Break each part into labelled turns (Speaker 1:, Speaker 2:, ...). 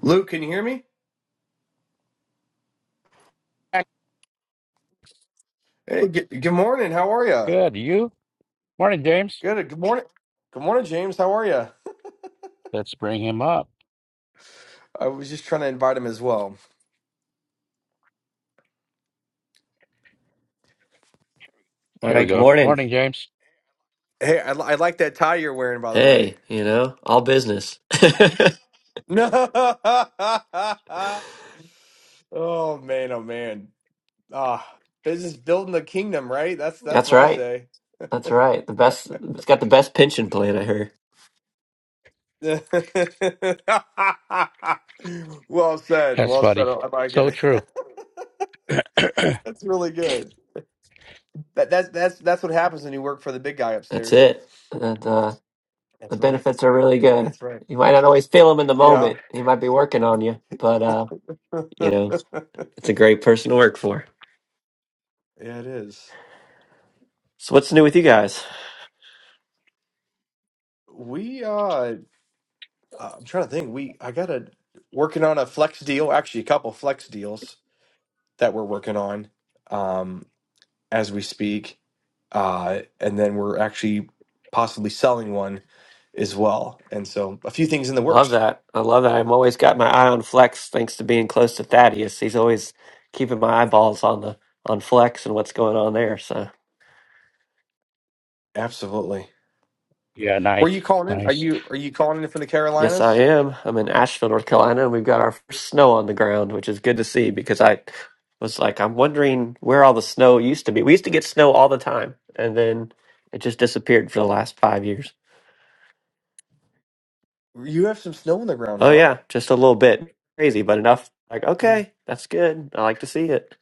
Speaker 1: Luke, can you hear me? Hey, good, good morning. How are you?
Speaker 2: Good. You? Morning, James.
Speaker 1: Good. Good morning. Good morning, James. How are you?
Speaker 2: Let's bring him up.
Speaker 1: I was just trying to invite him as well.
Speaker 3: All
Speaker 2: Here
Speaker 3: right,
Speaker 2: we
Speaker 3: good
Speaker 2: go.
Speaker 3: morning.
Speaker 2: Morning, James.
Speaker 1: Hey, I, li- I like that tie you're wearing, by the way.
Speaker 3: Hey, you know, all business.
Speaker 1: No. oh man. Oh man. Ah, business building the kingdom, right? That's that's
Speaker 3: That's
Speaker 1: what I
Speaker 3: right.
Speaker 1: say.
Speaker 3: That's right. The best it's got the best pension plan I heard.
Speaker 1: well said.
Speaker 2: That's
Speaker 1: Well said.
Speaker 2: funny.
Speaker 1: I like
Speaker 2: So
Speaker 1: it.
Speaker 2: true.
Speaker 1: that's really good. That that's that's that's what happens when you work for the big guy
Speaker 3: That's
Speaker 1: upstairs.
Speaker 3: it. And uh the
Speaker 1: That's right.
Speaker 3: benefits are really good.
Speaker 1: That's right.
Speaker 3: You might not always feel them in the
Speaker 1: Yeah.
Speaker 3: moment. He might be working on you, but uh, you know, it's a great person to work for.
Speaker 1: Yeah, it is.
Speaker 3: So what's new with you guys?
Speaker 1: We uh I'm trying to think. We I got a working on a flex deal, actually a couple flex deals that we're working on um as we speak. Uh and then we're actually possibly selling one as well. And so a few things in the
Speaker 3: Love
Speaker 1: works.
Speaker 3: that. I love that. I'm always got my eye on Flex thanks to being close to Thaddeus. He's always keeping my eyeballs on the on Flex and what's going on there. So
Speaker 1: Absolutely.
Speaker 2: Yeah,
Speaker 1: Where are
Speaker 2: nice.
Speaker 1: you calling in? Are
Speaker 2: Nice.
Speaker 1: you are you calling in from the
Speaker 3: Yes, I
Speaker 1: Carolinas?
Speaker 3: am. I'm in Asheville, North Carolina, and we've got our first snow on the ground, which is good to see because I was like, I'm wondering where all the snow used to be. We used to get snow all the time, and then it just disappeared for the last five years.
Speaker 1: You have some snow on the ground,
Speaker 3: Oh,
Speaker 1: huh?
Speaker 3: yeah, just a little bit. Crazy, but enough. Like,
Speaker 1: Yes.
Speaker 3: okay, that's good. I like to see it.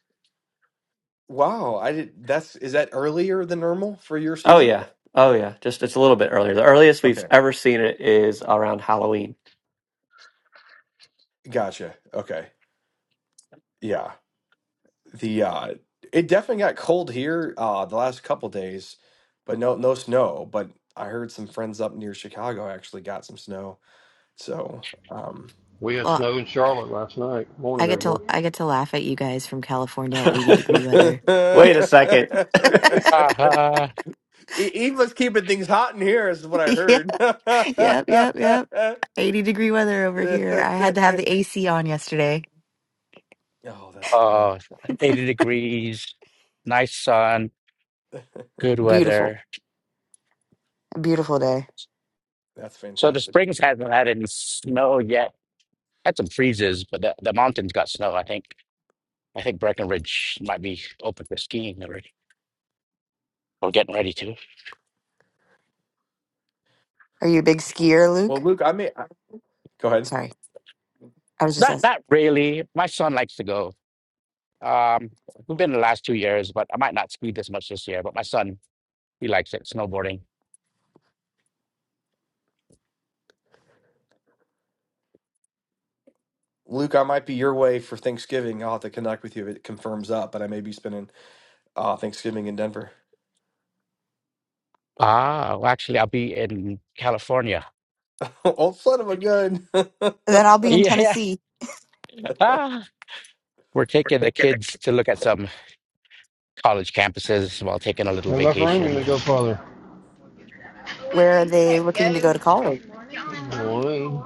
Speaker 1: Wow, I did that's is that earlier than normal for your
Speaker 3: Oh,
Speaker 1: season?
Speaker 3: yeah. Oh, yeah. Just it's a little bit earlier. The earliest we've ever seen it is around Halloween.
Speaker 1: Gotcha. Okay. Yeah. The uh it definitely got cold here uh the last couple days, but no no snow, but I heard some friends up near Chicago actually got some snow. So, um
Speaker 4: We had
Speaker 5: Well,
Speaker 4: snow in Charlotte last night.
Speaker 5: I
Speaker 4: Morning,
Speaker 5: get to
Speaker 4: everyone.
Speaker 5: I get to laugh at you guys from California at 80 degree weather.
Speaker 3: Wait a second.
Speaker 2: Uh-huh.
Speaker 1: E- Eve was keeping things hot in here is what I
Speaker 5: yeah,
Speaker 1: heard.
Speaker 5: yep, yep, yep. 80 degree weather over here. I had to have the AC on yesterday.
Speaker 1: Oh, that's funny.
Speaker 2: Oh, eighty degrees. Nice sun. Good
Speaker 5: Beautiful,
Speaker 2: weather.
Speaker 5: beautiful day.
Speaker 1: That's
Speaker 2: So the
Speaker 1: fantastic.
Speaker 2: springs hasn't had any snow yet. Had some freezes, but the, the mountains got snow, I think. I think Breckenridge might be open for skiing already or getting ready to.
Speaker 5: Are you a big skier,
Speaker 1: Well,
Speaker 5: Luke?
Speaker 1: Luke, I may I- go ahead.
Speaker 5: Sorry, I was just
Speaker 2: Not
Speaker 5: asking.
Speaker 2: not really. My son likes to go. Um, we've been the last two years, but I might not ski this much this year. But my son, he likes it, snowboarding.
Speaker 1: Luke, I might be your way for Thanksgiving. I'll have to connect with you if it confirms up, but I may be spending Oh, Thanksgiving in Denver.
Speaker 2: Ah, well, actually, I'll be in California.
Speaker 1: Old son of a gun.
Speaker 5: Then I'll be in
Speaker 2: Yeah, yeah.
Speaker 5: Tennessee.
Speaker 2: Ah, we're taking the kids to look at some college campuses while taking a little
Speaker 4: Not enough room even
Speaker 2: vacation.
Speaker 4: to go farther.
Speaker 5: Where are they looking to go to college?
Speaker 4: Morning. Morning.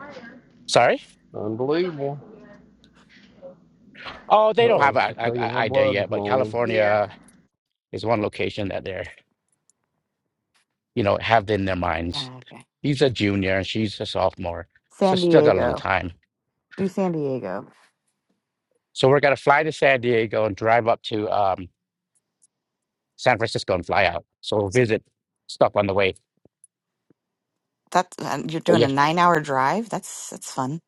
Speaker 2: Sorry?
Speaker 4: Unbelievable.
Speaker 2: Oh, they don't have
Speaker 4: Uh-oh,
Speaker 2: an
Speaker 4: she's taking more
Speaker 2: idea
Speaker 4: blood this
Speaker 2: yet, but
Speaker 4: morning.
Speaker 2: California is one location that they're, you know, have in their minds.
Speaker 5: Ah, okay,
Speaker 2: He's a junior and she's a sophomore, so
Speaker 5: San
Speaker 2: still got a little
Speaker 5: Diego.
Speaker 2: time.
Speaker 5: Do San Diego.
Speaker 2: So we're gonna fly to San Diego and drive up to um, San Francisco and fly out. So visit stuff on the way.
Speaker 5: That's uh, you're
Speaker 2: But
Speaker 5: doing a
Speaker 2: yeah,
Speaker 5: nine hour drive. That's that's fun.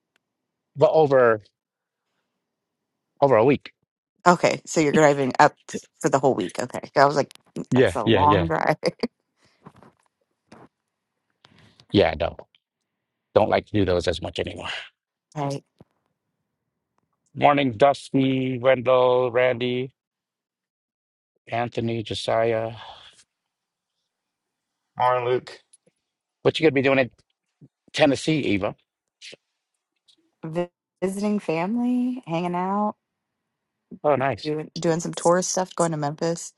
Speaker 2: but over over a week.
Speaker 5: Okay, so you're driving up for the whole week. Okay, I was like, "Mm, that's
Speaker 2: Yeah,
Speaker 5: a
Speaker 2: yeah,
Speaker 5: long
Speaker 2: yeah.
Speaker 5: drive.
Speaker 2: Yeah, no, don't like to do those as much anymore.
Speaker 5: Right.
Speaker 2: Morning, Dusty, Wendell, Randy, Anthony, Josiah.
Speaker 6: Morning, Luke.
Speaker 2: What you gonna be doing in Tennessee, Eva?
Speaker 5: vi- visiting family, hanging out,
Speaker 2: Oh, nice.
Speaker 5: doing doing some tourist stuff, going to Memphis.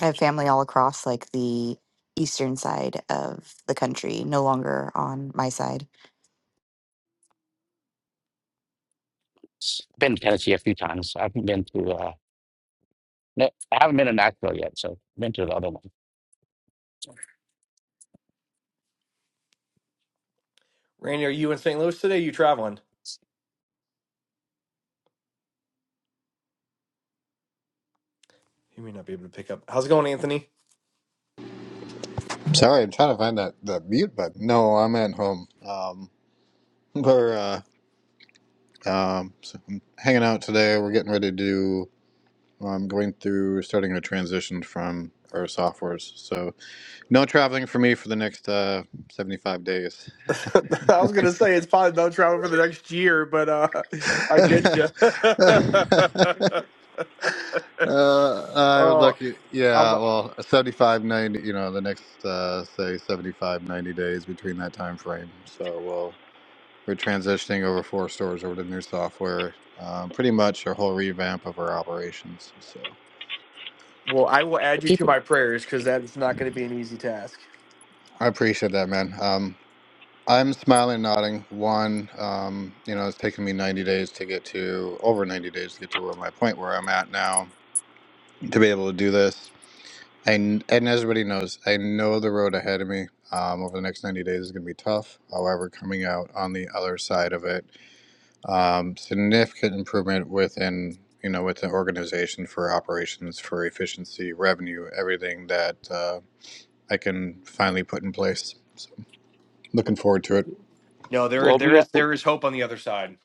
Speaker 5: I have family all across like the eastern side of the country, no longer on my side.
Speaker 2: S- Been to Tennessee a few times. I haven't been to uh, Na- I haven't been to Nashville yet, so been to the other one.
Speaker 1: Randy, are you in St. Louis today? You traveling? You may not be able to pick up. How's it going, Anthony?
Speaker 7: Sorry, I'm trying to find that, that mute button. No, I'm at home. Um, we're uh, um, so I'm hanging out today. We're getting ready to do. well, I'm going through starting a transition from our softwares. So no traveling for me for the next uh, 75 days.
Speaker 1: I was gonna say it's probably no travel for the next year, but uh, I get
Speaker 7: uh,
Speaker 1: you.
Speaker 7: I would
Speaker 1: oh,
Speaker 7: lucky.
Speaker 1: I'm,
Speaker 7: Yeah, well, 75 90. You know, the next uh, say 75 90 days between that time frame. So we'll We're transitioning over four stores over to new software, um, pretty much a whole revamp of our operations. So
Speaker 1: well, I will add you
Speaker 2: Keep
Speaker 1: to
Speaker 2: it.
Speaker 1: my prayers because that is not going to be an easy task.
Speaker 7: I appreciate that, man. Um, I'm smiling, nodding. One, um, you know, it's taken me 90 days to get to over 90 days to get to where my point where I'm at now to be able to do this. And and as everybody knows, I know the road ahead of me um, over the next 90 days is going to be tough. However, coming out on the other side of it um, significant improvement within you know with the organization for operations for efficiency revenue everything that uh, i can finally put in place so looking forward to it
Speaker 1: No, there
Speaker 2: We'll
Speaker 1: there
Speaker 2: be uh,
Speaker 1: is there is hope on the other side.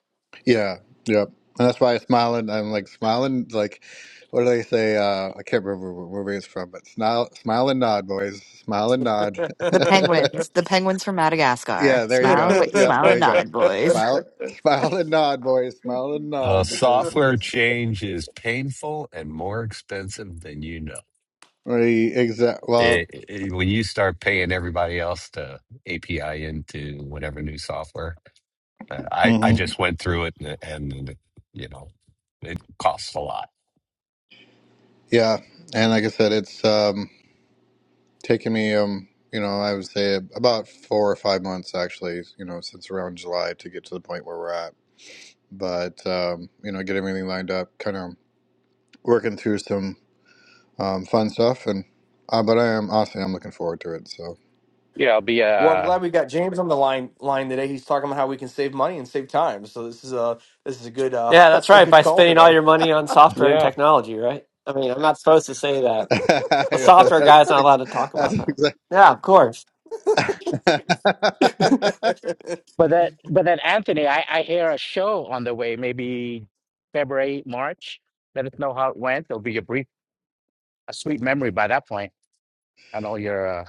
Speaker 7: yeah yep and that's why i'm smiling i'm like smiling like what do they say uh, i can't remember what movie it's from but smile smile and nod boys smile and nod
Speaker 5: The penguins, the penguins from Madagascar.
Speaker 7: yeah there you go
Speaker 5: Smile,
Speaker 7: S-
Speaker 5: wait,
Speaker 7: yep
Speaker 5: smile
Speaker 7: there
Speaker 5: and
Speaker 7: you go
Speaker 5: nod, boys.
Speaker 7: smile smile and nod boys smile and
Speaker 8: Uh,
Speaker 7: nod because
Speaker 8: software
Speaker 7: it's
Speaker 8: change is painful and more expensive than you know.
Speaker 7: the exact well
Speaker 8: It, it- when you start paying everybody else to API into whatever new software, uh, I I
Speaker 7: mhm.
Speaker 8: just went through it and, and you know it costs a lot.
Speaker 7: Yeah, and like I said, it's um, taken me, um, you know, I would say about four or five months actually, you know, since around July to get to the point where we're at. But um, you know, get everything lined up, kind of working through some um, fun stuff, and uh, but I am honestly, I'm looking forward to it. So
Speaker 2: yeah, I'll be
Speaker 1: Well, I'm
Speaker 2: uh
Speaker 1: glad we got James on the line line today. He's talking about how we can save money and save time. So this is a this is a good uh,
Speaker 3: Yeah, that's
Speaker 1: a
Speaker 3: right.
Speaker 1: good
Speaker 3: By
Speaker 1: call
Speaker 3: spending all
Speaker 1: today.
Speaker 3: your money on software and
Speaker 2: Yeah,
Speaker 3: technology, right? I mean, I'm not supposed to say that. The software
Speaker 7: that's
Speaker 3: guy's not allowed
Speaker 7: ex-
Speaker 3: to talk
Speaker 7: that's
Speaker 3: about that. Yeah, of course.
Speaker 7: exactly.
Speaker 2: But that, but then Anthony, I, I hear a show on the way, maybe February, March. Let us know how it went. It'll be a brief, a sweet memory by that point, and all your uh,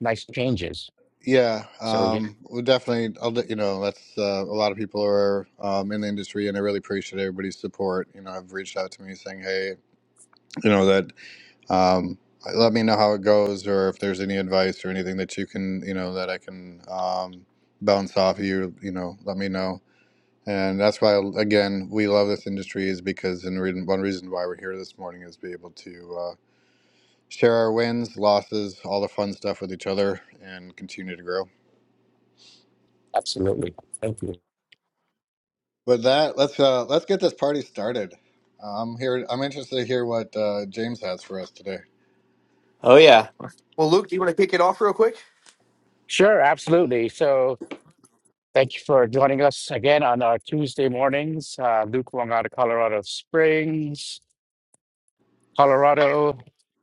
Speaker 2: nice changes.
Speaker 7: Yeah,
Speaker 2: So yeah,
Speaker 7: um, we definitely. I'll let you know. That's uh, a lot of people are um, in the industry, and I really appreciate everybody's support. You know, have reached out to me saying, "Hey, you know that." Um, let me know how it goes, or if there's any advice or anything that you can, you know, that I can um, bounce off of you. You know, let me know. And that's why, again, we love this industry is because, and reason- one reason why we're here this morning is be able to uh, share our wins, losses, all the fun stuff with each other, and continue to grow.
Speaker 2: absolutely. Thank you.
Speaker 7: With that, let's uh, let's get this party started. I'm here. I'm interested to hear what uh, James has for us today.
Speaker 3: Oh, yeah.
Speaker 1: well, Luke, do you want to kick it off real quick?
Speaker 2: Sure, absolutely. So thank you for joining us again on our Tuesday mornings. Uh, Luke Wong out of Colorado Springs, Colorado.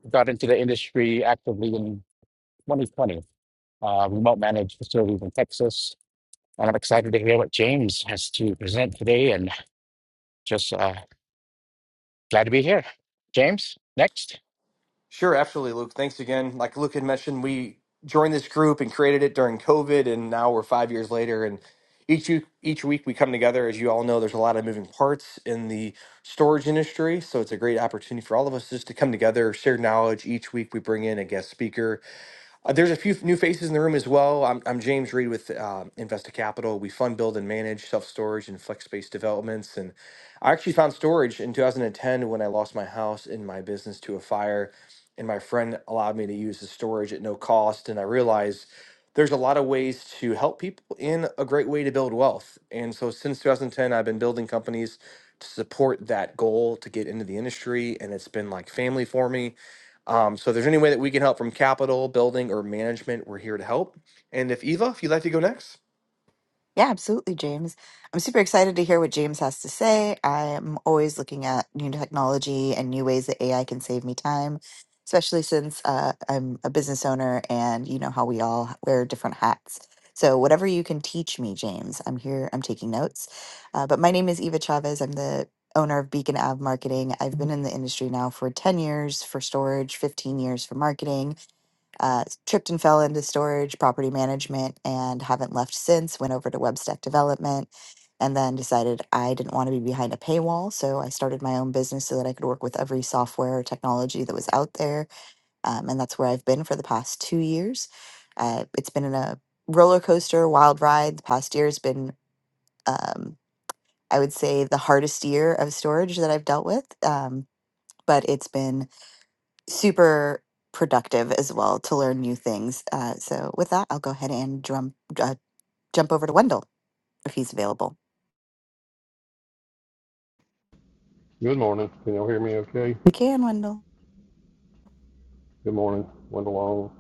Speaker 2: Got into the industry actively in 2020. Uh, remote managed facilities in Texas And I'm excited to hear what James has to present today and just uh, glad to be here. James, next.
Speaker 1: Sure, absolutely, Luke. Thanks again. Like Luke had mentioned, we joined this group and created it during COVID, and now we're five years later. And each u- each week we come together. As you all know, there's a lot of moving parts in the storage industry, so it's a great opportunity for all of us just to come together, share knowledge. Each week we bring in a guest speaker Uh, there's a few f- new faces in the room as well. I'm, I'm James Reed with uh, Investa Capital. We fund, build, and manage self storage and flex space developments. And I actually found storage in 2010 when I lost my house and my business to a fire. And my friend allowed me to use the storage at no cost. And I realized there's a lot of ways to help people in a great way to build wealth. And so since 2010, I've been building companies to support that goal to get into the industry. And it's been like family for me um, so if there's any way that we can help from capital, building, or management, we're here to help. And if Eva, if you'd like to go next.
Speaker 5: Yeah, absolutely, James. I'm super excited to hear what James has to say. I'm always looking at new technology and new ways that AI can save me time, especially since uh, I'm a business owner and you know how we all wear different hats. So, whatever you can teach me, James, I'm here, I'm taking notes. Uh, but my name is Eva Chavez. I'm the owner of Beacon Ave Marketing. I've been in the industry now for 10 years for storage, 15 years for marketing. Uh, tripped and fell into storage, property management, and haven't left since. Went over to Webstack Development and then decided I didn't want to be behind a paywall. So I started my own business so that I could work with every software or technology that was out there. Um, and that's where I've been for the past two years. Uh, it's been in a roller coaster, wild ride. The past year has been, um, I would say, the hardest year of storage that I've dealt with. Um, but it's been super productive as well to learn new things. Uh, so with that, I'll go ahead and drum, uh, jump over to Wendell if he's available.
Speaker 4: Good morning. Can y'all hear me okay?
Speaker 5: You can, Wendell.
Speaker 4: Good morning. Went along.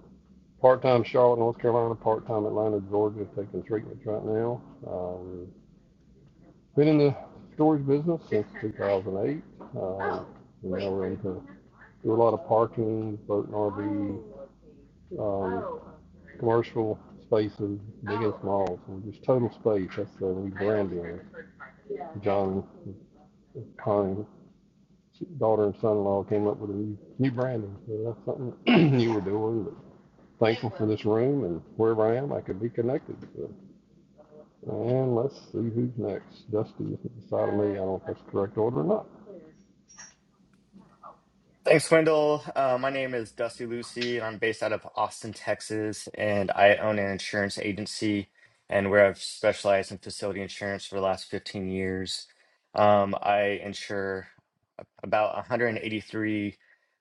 Speaker 4: Part-time Charlotte, North Carolina, part-time Atlanta, Georgia, taking treatments right now. Um, been in the storage business since 2008. Um, now we're into, do a lot of parking, boat and RV, um, commercial spaces, big and small. So just total space. That's the rebranding. John Hine, daughter and son-in-law, came up with a new, new branding. So that's something you were doing. But thankful for this room and wherever I am, I could be connected. So, and let's see who's next. Dusty decided me. I don't know if that's the correct order or not.
Speaker 6: Thanks, Wendell. Uh, my name is Dusty Lucy, and I'm based out of Austin, Texas, and I own an insurance agency and where I've specialized in facility insurance for the last 15 years. Um, I insure about 183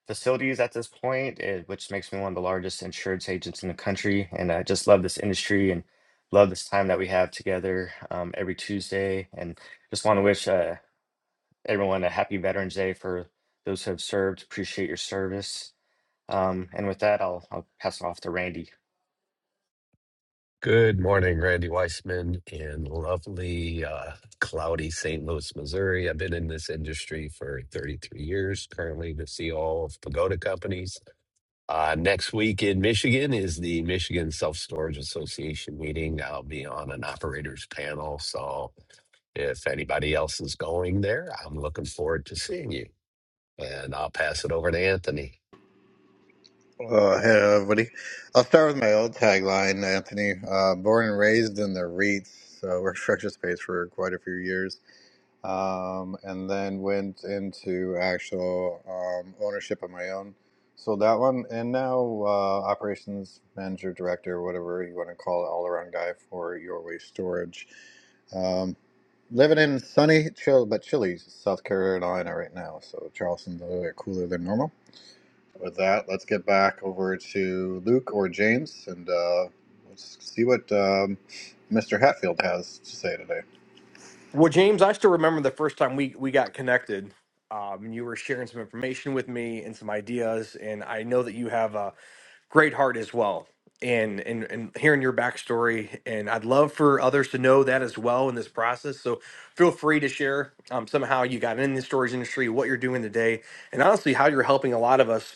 Speaker 6: facilities at this point, eh, which makes me one of the largest insurance agents in the country. And I just love this industry and love this time that we have together um, every Tuesday. And just want to wish uh, everyone a happy Veterans Day for those who have served. Appreciate your service. Um, and with that, I'll I'll pass it off to Randy.
Speaker 8: Good morning, Randy Weissman in lovely, uh, cloudy St. Louis, Missouri. I've been in this industry for 33 years, currently the CEO of Pagoda Companies Uh, next week in Michigan is the Michigan Self Storage Association meeting. I'll be on an operators panel. So if anybody else is going there, I'm looking forward to seeing you. And I'll pass it over to Anthony.
Speaker 7: Uh, hey everybody, I'll start with my old tagline, Anthony. Uh, born and raised in the REITs, uh, worked for Space for quite a few years. um, and then went into actual um, ownership of my own. So that one, and now uh, operations manager, director, whatever you want to call it, all around guy for your waste storage. Um, living in sunny, chill, but chilly South Carolina right now. So Charleston's a little bit cooler than normal. With that, let's get back over to Luke or James and uh, let's see what um, Mr. Hatfield has to say today.
Speaker 1: Well, James, I still remember the first time we we got connected. Um, and you were sharing some information with me and some ideas, and I know that you have a great heart as well. And, and and hearing your backstory, and I'd love for others to know that as well in this process. So feel free to share um, somehow you got in the storage industry, what you're doing today, and honestly how you're helping a lot of us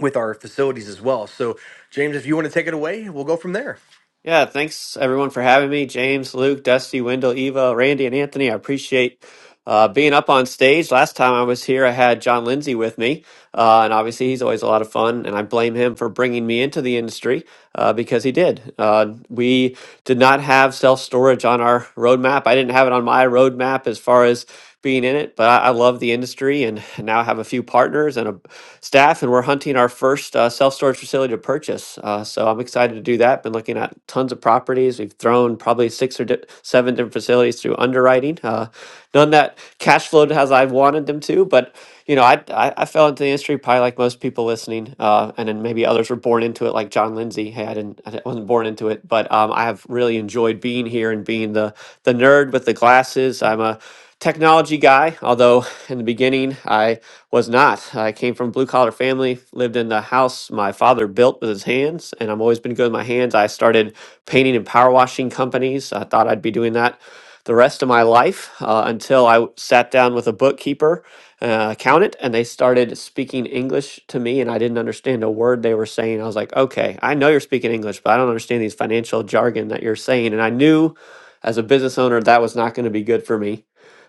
Speaker 1: with our facilities as well. So, James, if you want to take it away, we'll go from there.
Speaker 3: Yeah, thanks everyone for having me. James, Luke, Dusty, Wendell, Eva, Randy, and Anthony. I appreciate uh, being up on stage. Last time I was here, I had John Lindsay with me, uh, and obviously he's always a lot of fun, and I blame him for bringing me into the industry uh, because he did. Uh, we did not have self storage on our roadmap. I didn't have it on my roadmap as far as being in it. But I, I love the industry, and now I have a few partners and a staff, and we're hunting our first uh, self storage facility to purchase. Uh, so I'm excited to do that. Been looking at tons of properties. We've thrown probably six or di- seven different facilities through underwriting. Uh, none that cash flowed as I wanted them to, but you know, I, I I fell into the industry probably like most people listening, uh, and then maybe others were born into it, like John Lindsay. Hey, I didn't, I wasn't born into it, but um, I have really enjoyed being here and being the the nerd with the glasses. I'm a technology guy, although in the beginning I was not. I came from a blue collar family, lived in the house my father built with his hands, and I've always been good with my hands. I started painting and power washing companies. I thought I'd be doing that the rest of my life uh, until I w- sat down with a bookkeeper, uh, accountant, and they started speaking English to me, and I didn't understand a word they were saying. I was like, okay, I know you're speaking English, but I don't understand these financial jargon that you're saying. And I knew as a business owner that was not going to be good for me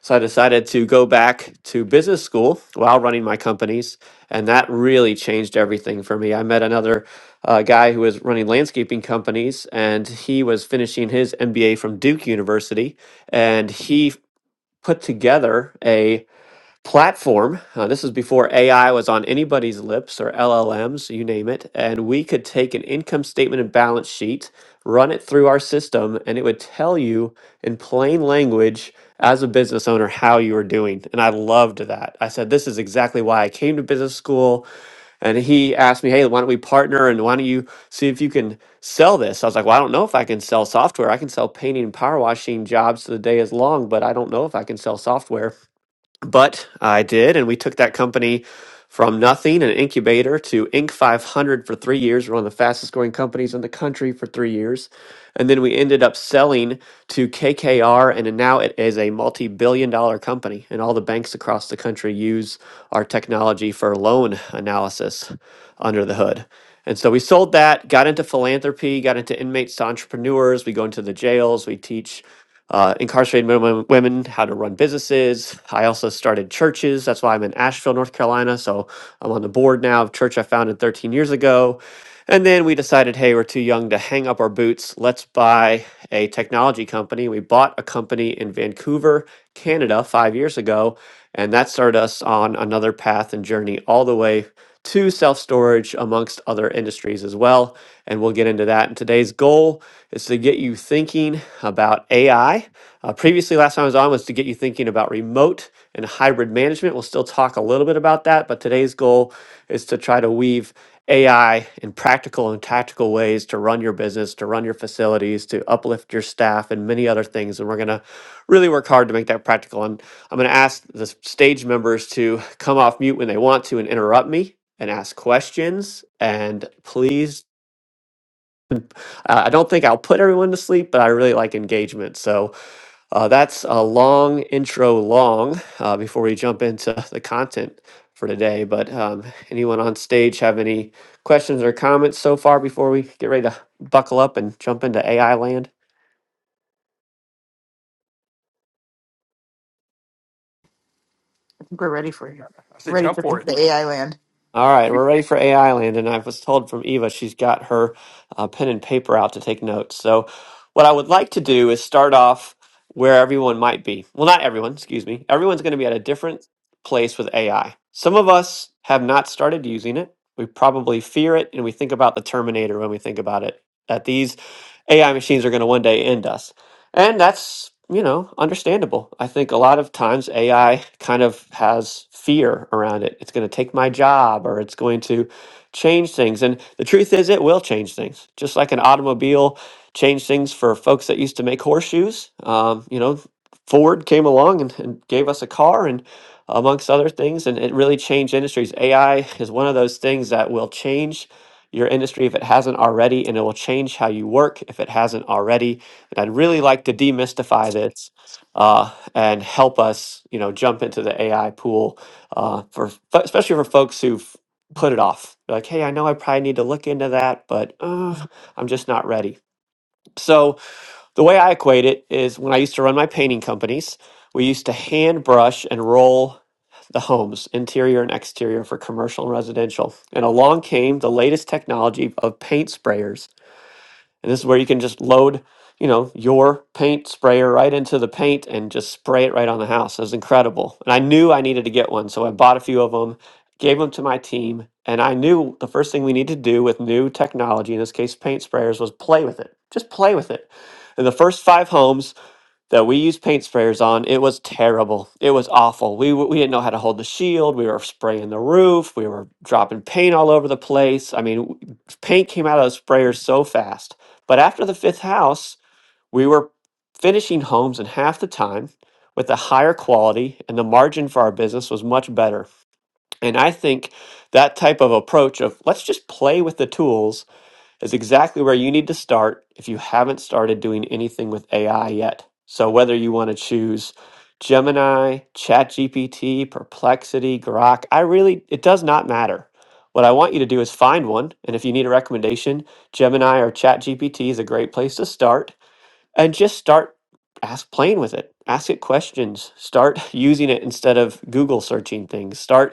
Speaker 3: so I decided to go back to business school while running my companies, and that really changed everything for me. I met another uh, guy who was running landscaping companies, and he was finishing his MBA from Duke University, and he f- put together a platform. Uh, this was before AI was on anybody's lips or LLMs, you name it. And we could take an income statement and balance sheet, run it through our system, and it would tell you in plain language as a business owner how you were doing. And I loved that. I said, This is exactly why I came to business school. And he asked me, Hey, why don't we partner and why don't you see if you can sell this? I was like, Well, I don't know if I can sell software. I can sell painting and power washing jobs to the day is long, but I don't know if I can sell software. But I did, and we took that company from nothing, an incubator, to Inc. 500 for three years. We're one of the fastest growing companies in the country for three years. And then we ended up selling to KKR, and now it is a multi billion dollar company. And all the banks across the country use our technology for loan analysis under the hood. And so we sold that, got into philanthropy, got into inmates to entrepreneurs. We go into the jails, we teach uh, incarcerated men and women how to run businesses. I also started churches. That's why I'm in Asheville, North Carolina. So I'm on the board now of church I founded 13 years ago. And then we decided, hey, we're too young to hang up our boots. Let's buy a technology company. We bought a company in Vancouver, Canada, five years ago. And that started us on another path and journey all the way to self storage amongst other industries as well. And we'll get into that. And today's goal is to get you thinking about AI. Uh, previously, last time I was on was to get you thinking about remote and hybrid management. We'll still talk a little bit about that, but today's goal is to try to weave AI in practical and tactical ways to run your business, to run your facilities, to uplift your staff, and many other things. And we're going to really work hard to make that practical. And I'm going to ask the s- stage members to come off mute when they want to and interrupt me and ask questions. And please, uh, I don't think I'll put everyone to sleep, but I really like engagement. So uh, that's a long intro long uh, before we jump into the content for today. But um, anyone on stage have any questions or comments so far before we get ready to buckle up and jump into AI land?
Speaker 5: We're ready for you.
Speaker 1: I say
Speaker 5: Ready
Speaker 1: jump
Speaker 5: for
Speaker 1: for it.
Speaker 5: The AI land.
Speaker 3: All right, we're ready for AI land, and I was told from Eva she's got her uh, pen and paper out to take notes. So, what I would like to do is start off where everyone might be. Well, not everyone, excuse me. Everyone's going to be at a different place with AI. Some of us have not started using it. We probably fear it, and we think about the Terminator when we think about it, that these AI machines are going to one day end us. And that's, you know, understandable. I think a lot of times AI kind of has fear around it. It's going to take my job or it's going to change things. And the truth is, it will change things. Just like an automobile changed things for folks that used to make horseshoes. Um, you know, Ford came along and, and gave us a car and amongst other things, and it really changed industries. AI is one of those things that will change your industry if it hasn't already, and it will change how you work if it hasn't already and I'd really like to demystify this uh, and help us, you know, jump into the AI pool uh, for f- especially for folks who've put it off. Like, hey, I know I probably need to look into that, but uh, I'm just not ready. So the way I equate it is when I used to run my painting companies, we used to hand brush and roll the homes, interior and exterior for commercial and residential. And along came the latest technology of paint sprayers and this is where you can just load, you know, your paint sprayer right into the paint and just spray it right on the house. It was incredible. And I knew I needed to get one, so I bought a few of them, gave them to my team, and I knew the first thing we need to do with new technology, in this case paint sprayers, was play with it. Just play with it. And the first 5 homes that we used paint sprayers on. It was terrible. It was awful. We w- we didn't know how to hold the shield. We were spraying the roof. We were dropping paint all over the place. I mean, w- paint came out of the sprayers so fast. But after the fifth house, we were finishing homes in half the time with a higher quality and the margin for our business was much better. And I think that type of approach of let's just play with the tools is exactly where you need to start if you haven't started doing anything with AI yet. So, whether you want to choose Gemini, ChatGPT, Perplexity, Grok, I really, it does not matter. What I want you to do is find one. And if you need a recommendation, Gemini or ChatGPT is a great place to start and just start ask playing with it ask it questions start using it instead of google searching things start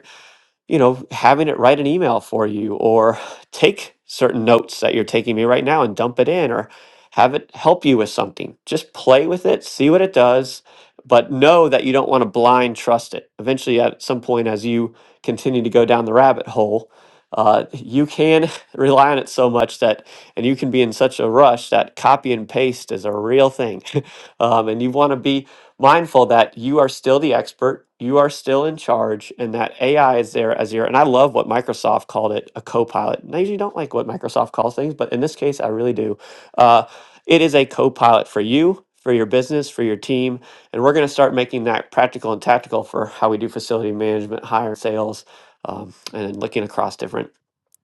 Speaker 3: you know, having it write an email for you or take certain notes that you're taking me right now and dump it in or have it help you with something. Just play with it, see what it does, but know that you don't want to blind trust it. Eventually, at some point, as you continue to go down the rabbit hole, uh, you can rely on it so much that, and you can be in such a rush that copy and paste is a real thing. um, and you want to be mindful that you are still the expert, you are still in charge, and that AI is there as your. And I love what Microsoft called it a co pilot. And I usually don't like what Microsoft calls things, but in this case, I really do. Uh, it is a co pilot for you. For your business, for your team, and we're going to start making that practical and tactical for how we do facility management, hire, sales, um, and looking across different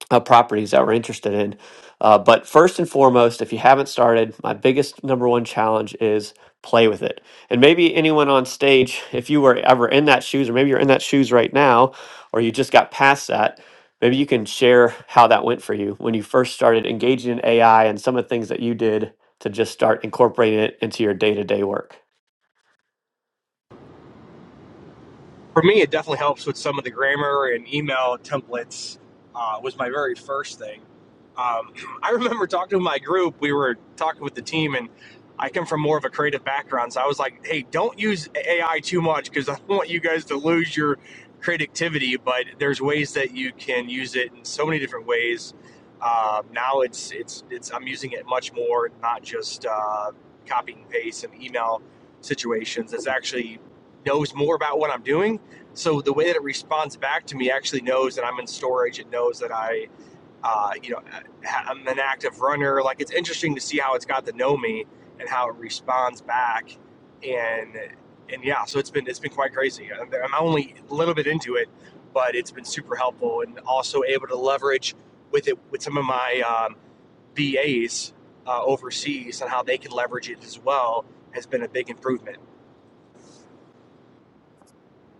Speaker 3: uh, properties that we're interested in. Uh, but first and foremost, if you haven't started, my biggest number one challenge is play with it. And maybe anyone on stage, if you were ever in that shoes, or maybe you're in that shoes right now, or you just got past that, maybe you can share how that went for you when you first started engaging in AI and some of the things that you did to just start incorporating it into your day to day work.
Speaker 1: for me, it definitely helps with some of the grammar and email templates. Uh, was my very first thing. Um, I remember talking to my group. We were talking with the team, and I come from more of a creative background, so I was like, "Hey, don't use AI too much because I don't want you guys to lose your creativity." But there's ways that you can use it in so many different ways. Uh, now it's it's it's I'm using it much more, not just uh, copy and paste and email situations. It's actually knows more about what I'm doing so the way that it responds back to me actually knows that I'm in storage. It knows that I, uh, you know, I'm an active runner. Like it's interesting to see how it's got to know me and how it responds back, and and yeah, so it's been it's been quite crazy. I'm only a little bit into it, but it's been super helpful and also able to leverage with it with some of my um, BAs uh, overseas and how they can leverage it as well has been a big improvement.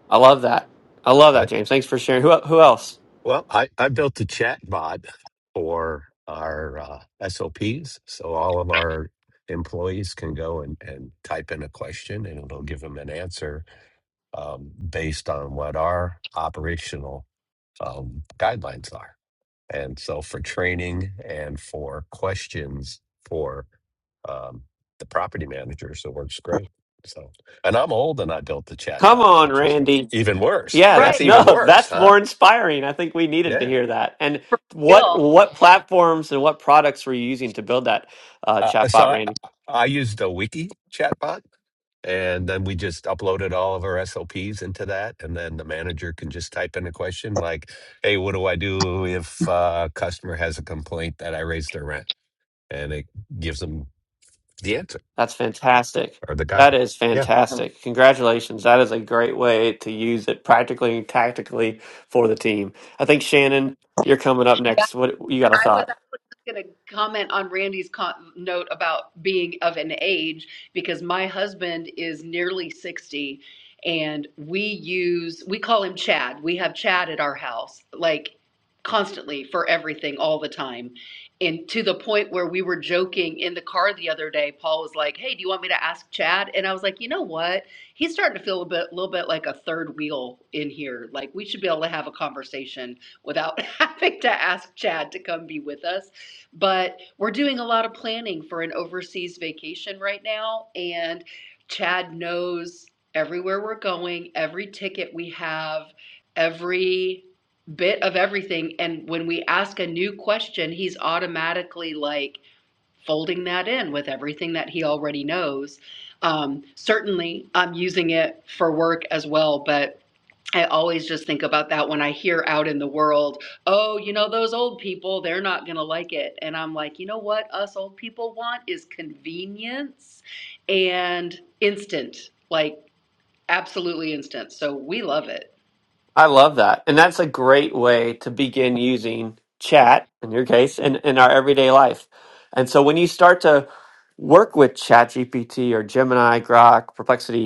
Speaker 3: I love that. I love
Speaker 8: Uh,
Speaker 3: that, James. Thanks for sharing. Who, who else?
Speaker 8: Well, I, I built a chat bot for our uh, SOPs. So all of our employees can go and, and type in a question and it'll give them an answer um, based on what our operational um, guidelines are. And so for training and for questions for um, the property manager, so it works great. So, and I'm old and I built the
Speaker 3: Come
Speaker 8: chatbot,
Speaker 3: on,
Speaker 8: which is
Speaker 3: Randy.
Speaker 8: even worse.
Speaker 3: Yeah,
Speaker 8: That's
Speaker 9: Right,
Speaker 3: that
Speaker 8: even
Speaker 3: no,
Speaker 8: worse,
Speaker 3: that's
Speaker 8: huh?
Speaker 3: more inspiring. I think we needed to
Speaker 8: Yeah.
Speaker 3: hear that. And
Speaker 9: for
Speaker 3: what
Speaker 9: real.
Speaker 3: what platforms and what products were you using to build that uh,
Speaker 8: Uh, uh, so
Speaker 3: chatbot,
Speaker 8: I,
Speaker 3: Randy?
Speaker 8: I used a wiki chatbot and then we just uploaded all of our SOPs into that. And then the manager can just type in a question like, hey, what do I do if uh, a customer has a complaint that I raised their rent? And it gives them the answer
Speaker 3: That's fantastic.
Speaker 8: or the
Speaker 3: That
Speaker 8: guideline.
Speaker 3: is
Speaker 8: Yeah.
Speaker 3: fantastic. Congratulations. That is a great way to use it practically and tactically for the team. I think Shannon, you're coming up
Speaker 9: Yeah,
Speaker 3: next. What you got a
Speaker 9: I was
Speaker 3: thought?
Speaker 9: actually just going to comment on Randy's con- note about being of an age because my husband is nearly 60 and we use, we call him Chad. We have Chad at our house, like constantly for everything, all the time. And to the point where we were joking in the car the other day, Paul was like, Hey, do you want me to ask Chad? And I was like, You know what? He's starting to feel a bit, little bit like a third wheel in here. Like, we should be able to have a conversation without having to ask Chad to come be with us. But we're doing a lot of planning for an overseas vacation right now, and Chad knows everywhere we're going, every ticket we have, every bit of everything. And when we ask a new question, he's automatically like folding that in with everything that he already knows. Um, certainly, I'm using it for work as well, but I always just think about that when I hear out in the world, oh, you know, those old people, they're not going to like it. And I'm like, you know what us old people want is convenience and instant, like absolutely instant. So we love it.
Speaker 3: I love that. And that's a great way to begin using chat in your case in, in our everyday life. And so when you start to work with ChatGPT or Gemini, Grok, Perplexity,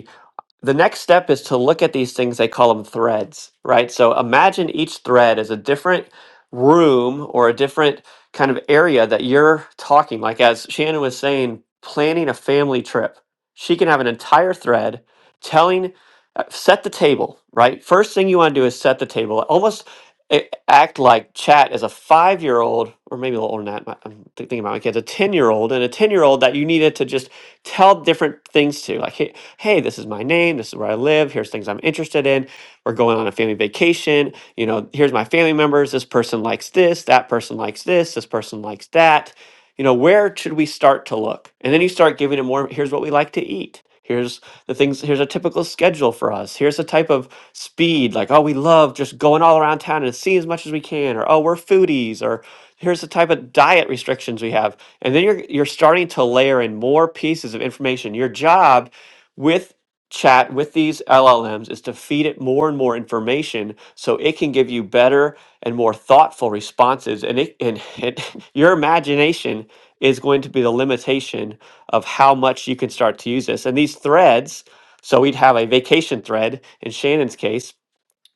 Speaker 3: the next step is to look at these things they call them threads right so imagine each thread as a different room or a different kind of area that you're talking like as shannon was saying planning a family trip she can have an entire thread telling uh, set the table right first thing you want to do is set the table almost a- act like chat as a five year old or maybe a little older than that my- i'm thi- thinking about my kids a 10 year old and a 10 year old that you needed to just tell different things to like hey, hey, this is my name, this is where I live, here's things I'm interested in. We're going on a family vacation. You know, here's my family members. This person likes this, that person likes this, this person likes that. You know, where should we start to look? And then you start giving it more here's what we like to eat. Here's the things, here's a typical schedule for us. Here's the type of speed, like, oh, we love just going all around town and seeing as much as we can, or oh, we're foodies, or here's the type of diet restrictions we have and then you're you're starting to layer in more pieces of information your job with chat with these LLMs is to feed it more and more information so it can give you better and more thoughtful responses and it and it, your imagination is going to be the limitation of how much you can start to use this and these threads so we'd have a vacation thread in Shannon's case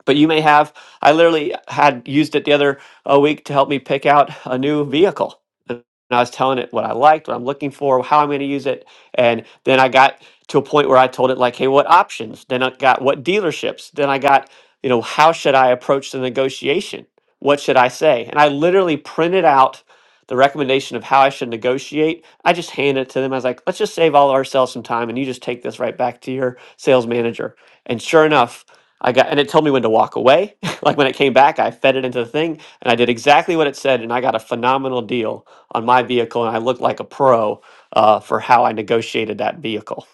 Speaker 3: but you may have i literally had used it the other uh, week to help me pick out a new vehicle and i was telling it what i liked what i'm looking for how i'm going to use it and then i got to a point where i told it like hey what options then i got what dealerships then i got you know how should i approach the negotiation what should i say and i literally printed out the recommendation of how I should negotiate, I just hand it to them. I was like, let's just save all ourselves some time and you just take this right back to your sales manager. And sure enough, I got, and it told me when to walk away. like when it came back, I fed it into the thing and I did exactly what it said. And I got a phenomenal deal on my vehicle and I looked like a pro uh, for how I negotiated that vehicle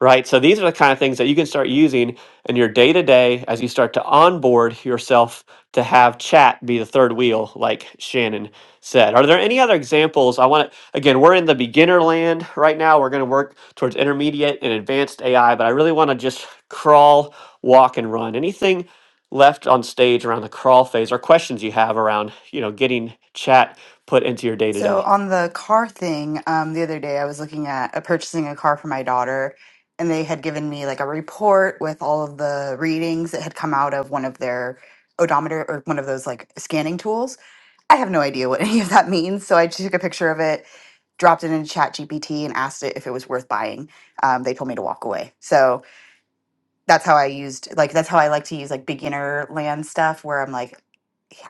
Speaker 3: right? So these are the kind of things that you can start using in your day to day as you start to onboard yourself to have chat be the third wheel, like Shannon said. Are there any other examples? I want to, again, we're in the beginner land right now. We're going to work towards intermediate and advanced AI, but I really want to just crawl, walk, and run. Anything left on stage around the crawl phase or questions you have around, you know, getting chat put into your day to
Speaker 5: So
Speaker 3: day?
Speaker 5: on the car thing, um, the other day I was looking at uh, purchasing a car for my daughter, and they had given me like a report with all of the readings that had come out of one of their odometer or one of those like scanning tools. I have no idea what any of that means, so I took a picture of it dropped it into ChatGPT and asked it if it was worth buying um, they told me to walk away so that's how i used like that's how i like to use like beginner land stuff where i'm like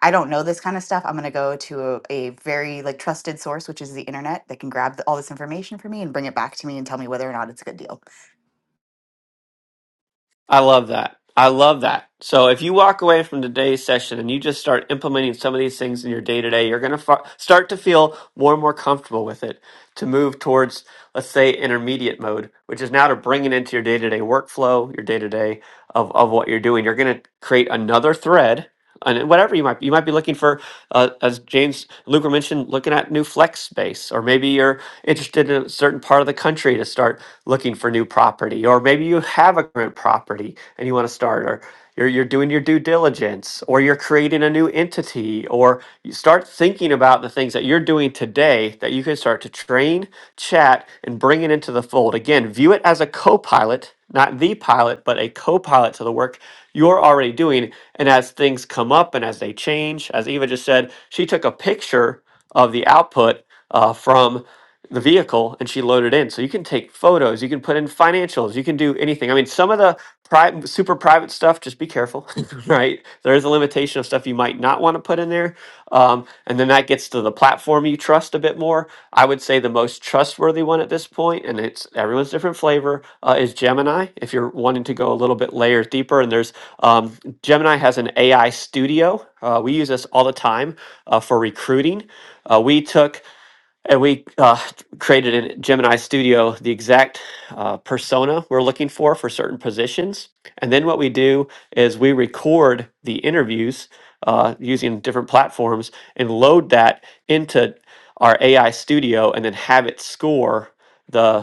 Speaker 5: i don't know this kind of stuff i'm going to go to a, a very like trusted source which is the internet that can grab the, all this information for me and bring it back to me and tell me whether or not it's a good deal
Speaker 3: I love that. I love that. So if you walk away from today's session and you just start implementing some of these things in your day to day, you're going to fa- start to feel more and more comfortable with it to move towards, let's say, intermediate mode, which is now to bring it into your day to day workflow, your day to day of of what you're doing. You're going to create another thread. And whatever you might you might be looking for uh, as James Luker mentioned, looking at new flex space, or maybe you're interested in a certain part of the country to start looking for new property, or maybe you have a current property and you want to start, or you're, you're doing your due diligence, or you're creating a new entity, or you start thinking about the things that you're you're doing today that you can start to train, chat, and bring it into the fold. Again, view it as a co pilot, not the pilot, but a co pilot to the work you're already doing. And as things come up and as they change, as Eva just said, she took a picture of the output uh, from the vehicle and she loaded in. So you can take photos, you can put in financials, you can do anything. I mean, some of the pri- super private stuff, just be careful, right? There is a limitation of stuff you might not want to put in there. Um, and then that gets to the platform you trust a bit more. I would say the most trustworthy one at this point, and it's everyone's different flavor, uh, is Gemini. If you're wanting to go a little bit layer deeper, and there's um, Gemini has an AI studio. Uh, we use this all the time uh, for recruiting. Uh, we took and we uh, created in Gemini Studio the exact uh, persona we're looking for for certain positions. And then what we do is we record the interviews uh, using different platforms and load that into our AI Studio, and then have it score the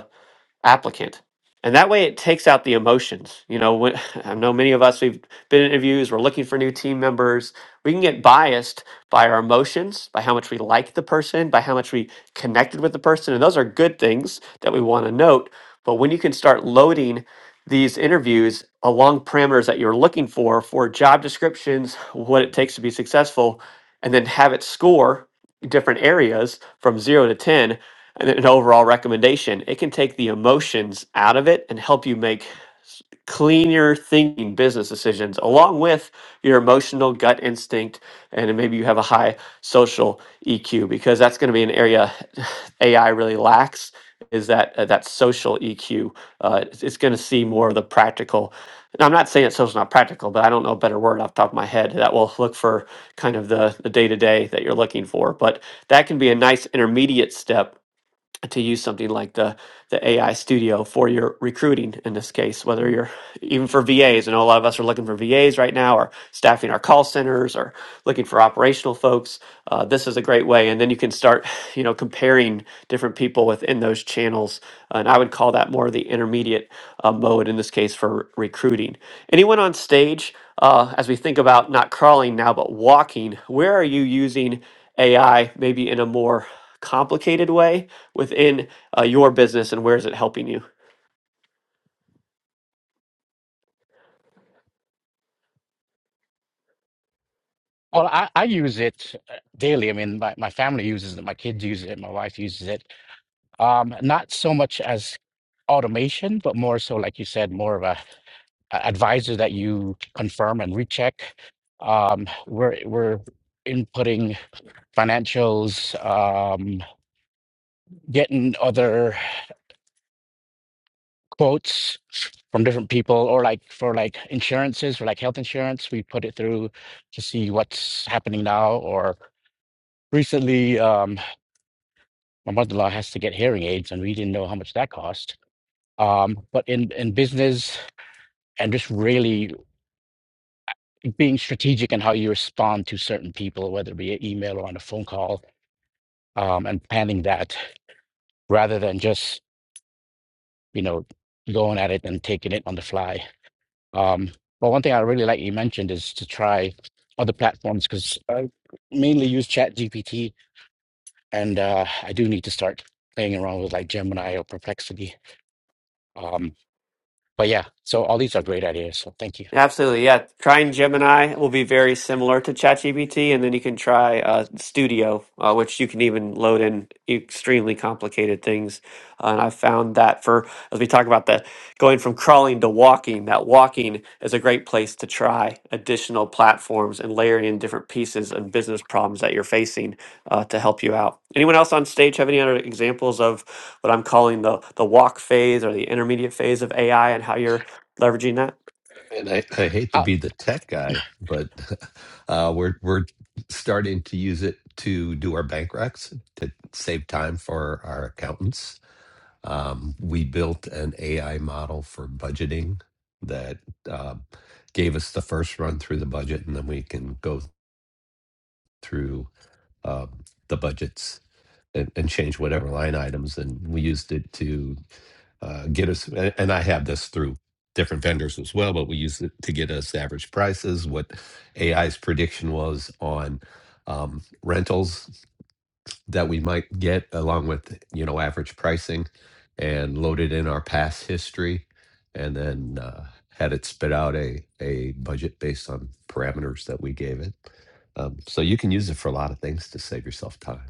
Speaker 3: applicant and that way it takes out the emotions you know when, i know many of us we've been in interviews we're looking for new team members we can get biased by our emotions by how much we like the person by how much we connected with the person and those are good things that we want to note but when you can start loading these interviews along parameters that you're looking for for job descriptions what it takes to be successful and then have it score different areas from 0 to 10 and an overall recommendation. It can take the emotions out of it and help you make s- cleaner thinking business decisions along with your emotional gut instinct and then maybe you have a high social EQ because that's going to be an area AI really lacks is that uh, that social EQ uh, it's, it's going to see more of the practical and I'm not saying that social's not practical but I don't know a better word off the top of my head that will look for kind of the the day to day that you're looking for but that can be a nice intermediate step to use something like the the AI Studio for your recruiting in this case, whether you're even for VAs. I know a lot of us are looking for VAs right now, or staffing our call centers, or looking for operational folks. Uh, this is a great way, and then you can start, you know, comparing different people within those channels. And I would call that more the intermediate uh, mode in this case for recruiting. Anyone on stage, uh, as we think about not crawling now but walking, where are you using AI maybe in a more complicated way? within uh, your business and where is it helping you?
Speaker 2: Well, I, I use it uh, daily. I mean, my, my family uses it, my kids use it, my wife uses it. Um, not so much as automation, but more so, like you said, more of a, a advisor that you confirm and recheck. Um, we're, we're inputting financials, um, getting other. quotes from different people or like for like insurances for like health insurance we put it through to see what's happening now or recently um my mother-in-law has to get hearing aids and we didn't know how much that cost um but in in business and just really being strategic in how you respond to certain people whether it be an email or on a phone call um and planning that rather than just you know going at it and taking it on the fly Um, but one thing I really like you mentioned is to try other platforms because I mainly use ChatGPT, and uh, I do need to start playing around with like Gemini or Perplexity. Um, but yeah, so all these are great ideas. So thank you.
Speaker 3: Absolutely, yeah. Trying Gemini will be very similar to ChatGPT, and then you can try uh, Studio, uh, which you can even load in extremely complicated things. Uh, and I found that for as we talk about the going from crawling to walking, that walking is a great place to try additional platforms and layering in different pieces and business problems that you're facing uh, to help you out. Anyone else on stage have any other examples of what I'm calling the the walk phase or the intermediate phase of AI and how you're leveraging that?
Speaker 8: And I, I hate to
Speaker 2: Uh,
Speaker 8: be the tech guy, but uh, we're we're starting to use it to do our bank recs to save time for our accountants. Um, we built an AI model for budgeting that uh, gave us the first run through the budget, and then we can go through uh, the budgets and, and change whatever line items. And we used it to uh, get us, a- and I have this through different vendors as well, but we used it to get us average prices, what AI's prediction was on um, rentals that we might get, along with, you know, average pricing, and loaded in our past history, and then uh, had it spit out a, a budget based on parameters that we gave it. Um, so you can use it for a lot of things to save yourself time.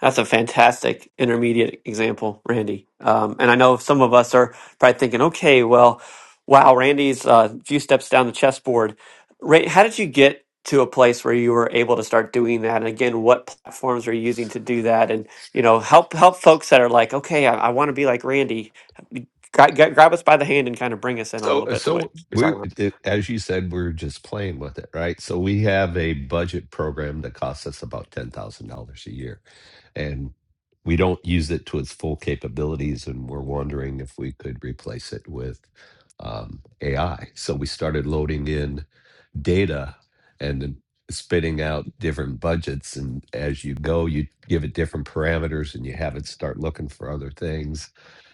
Speaker 3: That's a fantastic intermediate example, Randy. Um, and I know some of us are probably thinking, okay, well, wow, Randy's a uh, few steps down the chessboard. Ray, how did you get to a place where you were able to start doing that? And again, what platforms are you using to do that? And you know, help help folks that are like, okay, I, I want to be like Randy. Gra- gra- grab us by the hand and kind of bring us in a
Speaker 8: So,
Speaker 3: little
Speaker 8: uh,
Speaker 3: bit to what
Speaker 8: so
Speaker 3: you're talking
Speaker 8: we,
Speaker 3: about.
Speaker 8: it, as you said, we're just playing with it, right? So we have a budget program that costs us about ten thousand dollars a year, and we don't use it to its full capabilities. And we're wondering if we could replace it with um, AI. So we started loading in data and then spitting out different budgets. And as you go, you give it different parameters and you have it start looking for other things.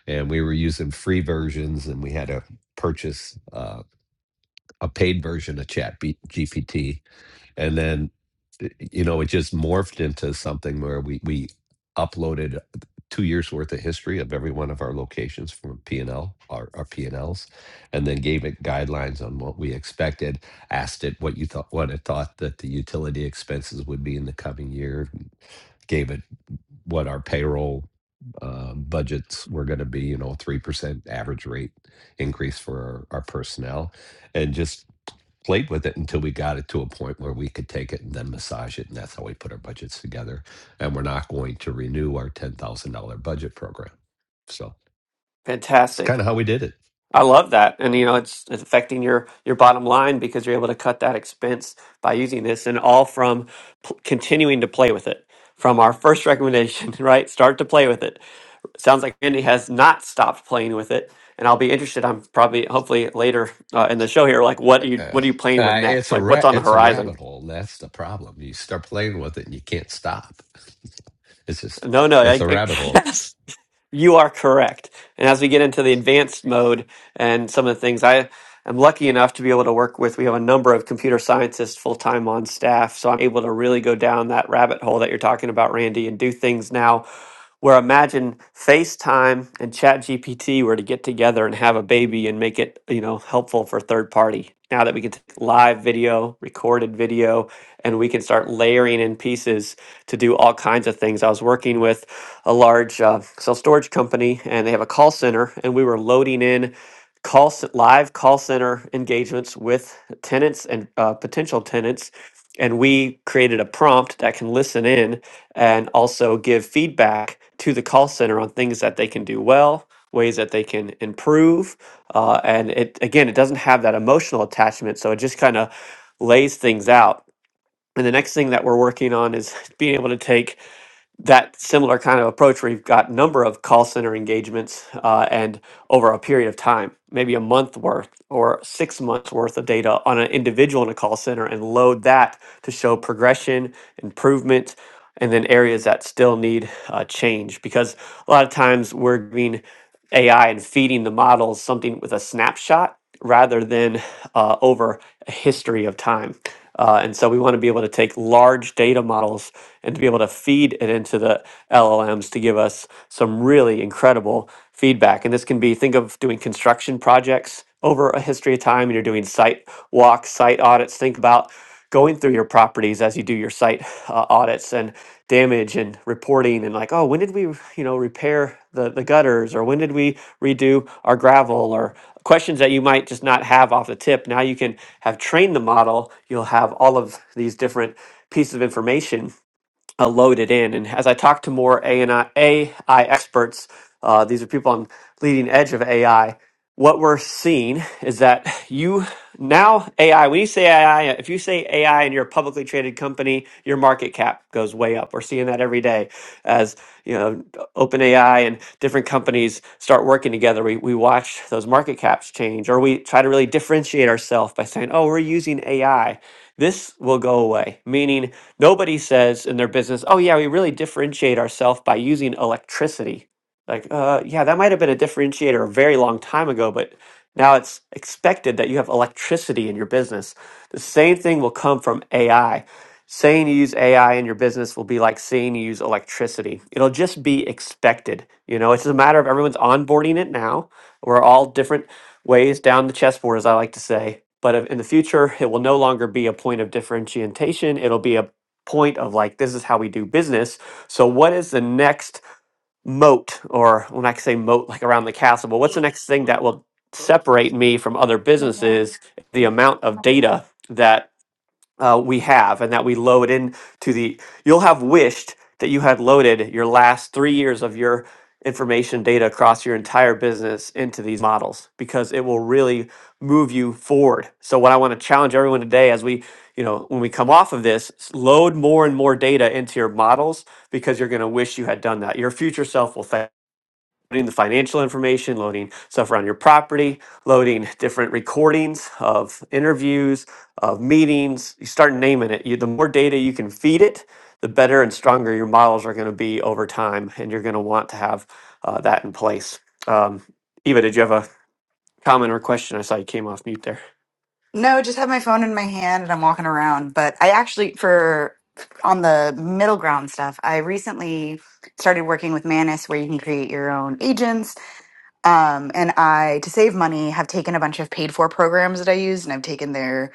Speaker 8: And we were using free versions and we had to purchase uh, a paid version of Chat GPT and then eh, you know it just morphed into something where we we uploaded uh, two years worth of history of every one of our locations from p&l our, our p&l's and Ls, and then gave it guidelines on what we expected asked it what you thought what it thought that the utility expenses would be in the coming year gave it what our payroll um, budgets were going to be you know 3% average rate increase for our, our personnel and just played with it until we got it to a point where we could take it and then massage it. And that's how we put our budgets together. And we're not going to renew our $10,000 budget program. So it's
Speaker 3: Fantastic.
Speaker 8: kind of how we did it.
Speaker 3: I love that, and you know it's, it's affecting your your bottom line because you're able to cut that expense by using this, and all from p- continuing to play with it. From our first recommendation, right? Start to play with it. Sounds like Randy has not stopped playing with it, and I'll be interested. I'm probably hopefully later uh, in the show here, like what are you
Speaker 8: Uh,
Speaker 3: what are you playing with
Speaker 8: uh,
Speaker 3: next?
Speaker 8: it's a
Speaker 3: Like
Speaker 8: ra-
Speaker 3: what's on the
Speaker 8: it's a
Speaker 3: horizon?
Speaker 8: rabbit hole. That's the problem. You start playing with it and you can't stop. It's just
Speaker 3: No, no,
Speaker 8: it's
Speaker 3: I,
Speaker 8: a rabbit hole.
Speaker 3: I, You are correct. And as we get into the advanced mode and some of the things, I am lucky enough to be able to work with, we have a number of computer scientists full time on staff. So I'm able to really go down that rabbit hole that you're talking about, Randy, and do things now where imagine FaceTime and ChatGPT were to get together and have a baby and make it, you know, helpful for third party. Now that we can take live video, recorded video, and we can start layering in pieces to do all kinds of things. I was working with a large uh, self storage company, and they have a call center, and we were loading in call c- live call center engagements with tenants and uh, potential tenants, and we created a prompt that can listen in and also give feedback to the call center on things that they can do well, ways that they can improve. Uh, and it again, it doesn't have that emotional attachment, so it just kind of lays things out. And the next thing that we're working on is being able to take that similar kind of approach where you've got number of call center engagements uh, and over a period of time maybe a month worth or six months worth of data on an individual in a call center and load that to show progression improvement and then areas that still need uh, change because a lot of times we're giving ai and feeding the models something with a snapshot rather than uh, over a history of time uh, and so we want to be able to take large data models and to be able to feed it into the LLMs to give us some really incredible feedback. And this can be think of doing construction projects over a history of time, and you're doing site walks, site audits. Think about going through your properties as you do your site uh, audits and damage and reporting and like oh when did we you know repair the, the gutters or when did we redo our gravel or questions that you might just not have off the tip now you can have trained the model you'll have all of these different pieces of information uh, loaded in. And as I talk to more AI, AI experts, uh, these are people on leading edge of AI. What we're seeing is that you now AI. When you say AI, if you say AI and you're a publicly traded company, your market cap goes way up. We're seeing that every day as you know OpenAI and different companies start working together. We we watch those market caps change, or we try to really differentiate ourselves by saying, "Oh, we're using AI." This will go away, meaning Nobody says in their business, "Oh yeah, we really differentiate ourselves by using electricity." Like, uh, yeah, that might have been a differentiator a very long time ago, but now it's expected that you have electricity in your business. The same thing will come from AI. Saying you use AI in your business will be like saying you use electricity. It'll just be expected. You know, it's a matter of everyone's onboarding it now. We're all different ways down the chessboard, as I like to say. But if- in the future, it will no longer be a point of differentiation. It'll be a point of like this is how we do business. So what is the next moat or when I say moat like around the castle, but what's the next thing that will separate me from other businesses? The amount of data that uh, we have and that we load in to the you'll have wished that you had loaded your last three years of your information data across your entire business into these models because it will really move you forward so what i want to challenge everyone today as we you know when we come off of this s- load more and more data into your models because you're going to wish you had done that your future self will thank loading the financial information, loading stuff around your property, loading different recordings of interviews, of meetings. You start naming it. You, the more data you can feed it, the better and stronger your models are going to be over time, and you're going to want to have uh, that in place. Um, Eva, did you have a comment or question? I saw you came off mute there.
Speaker 5: no just have my phone in my hand and i'm walking around but i actually for on the middle ground stuff i recently started working with Manus where you can create your own agents Um, and I, to save money, have taken a bunch of paid for programs that I use and I've taken their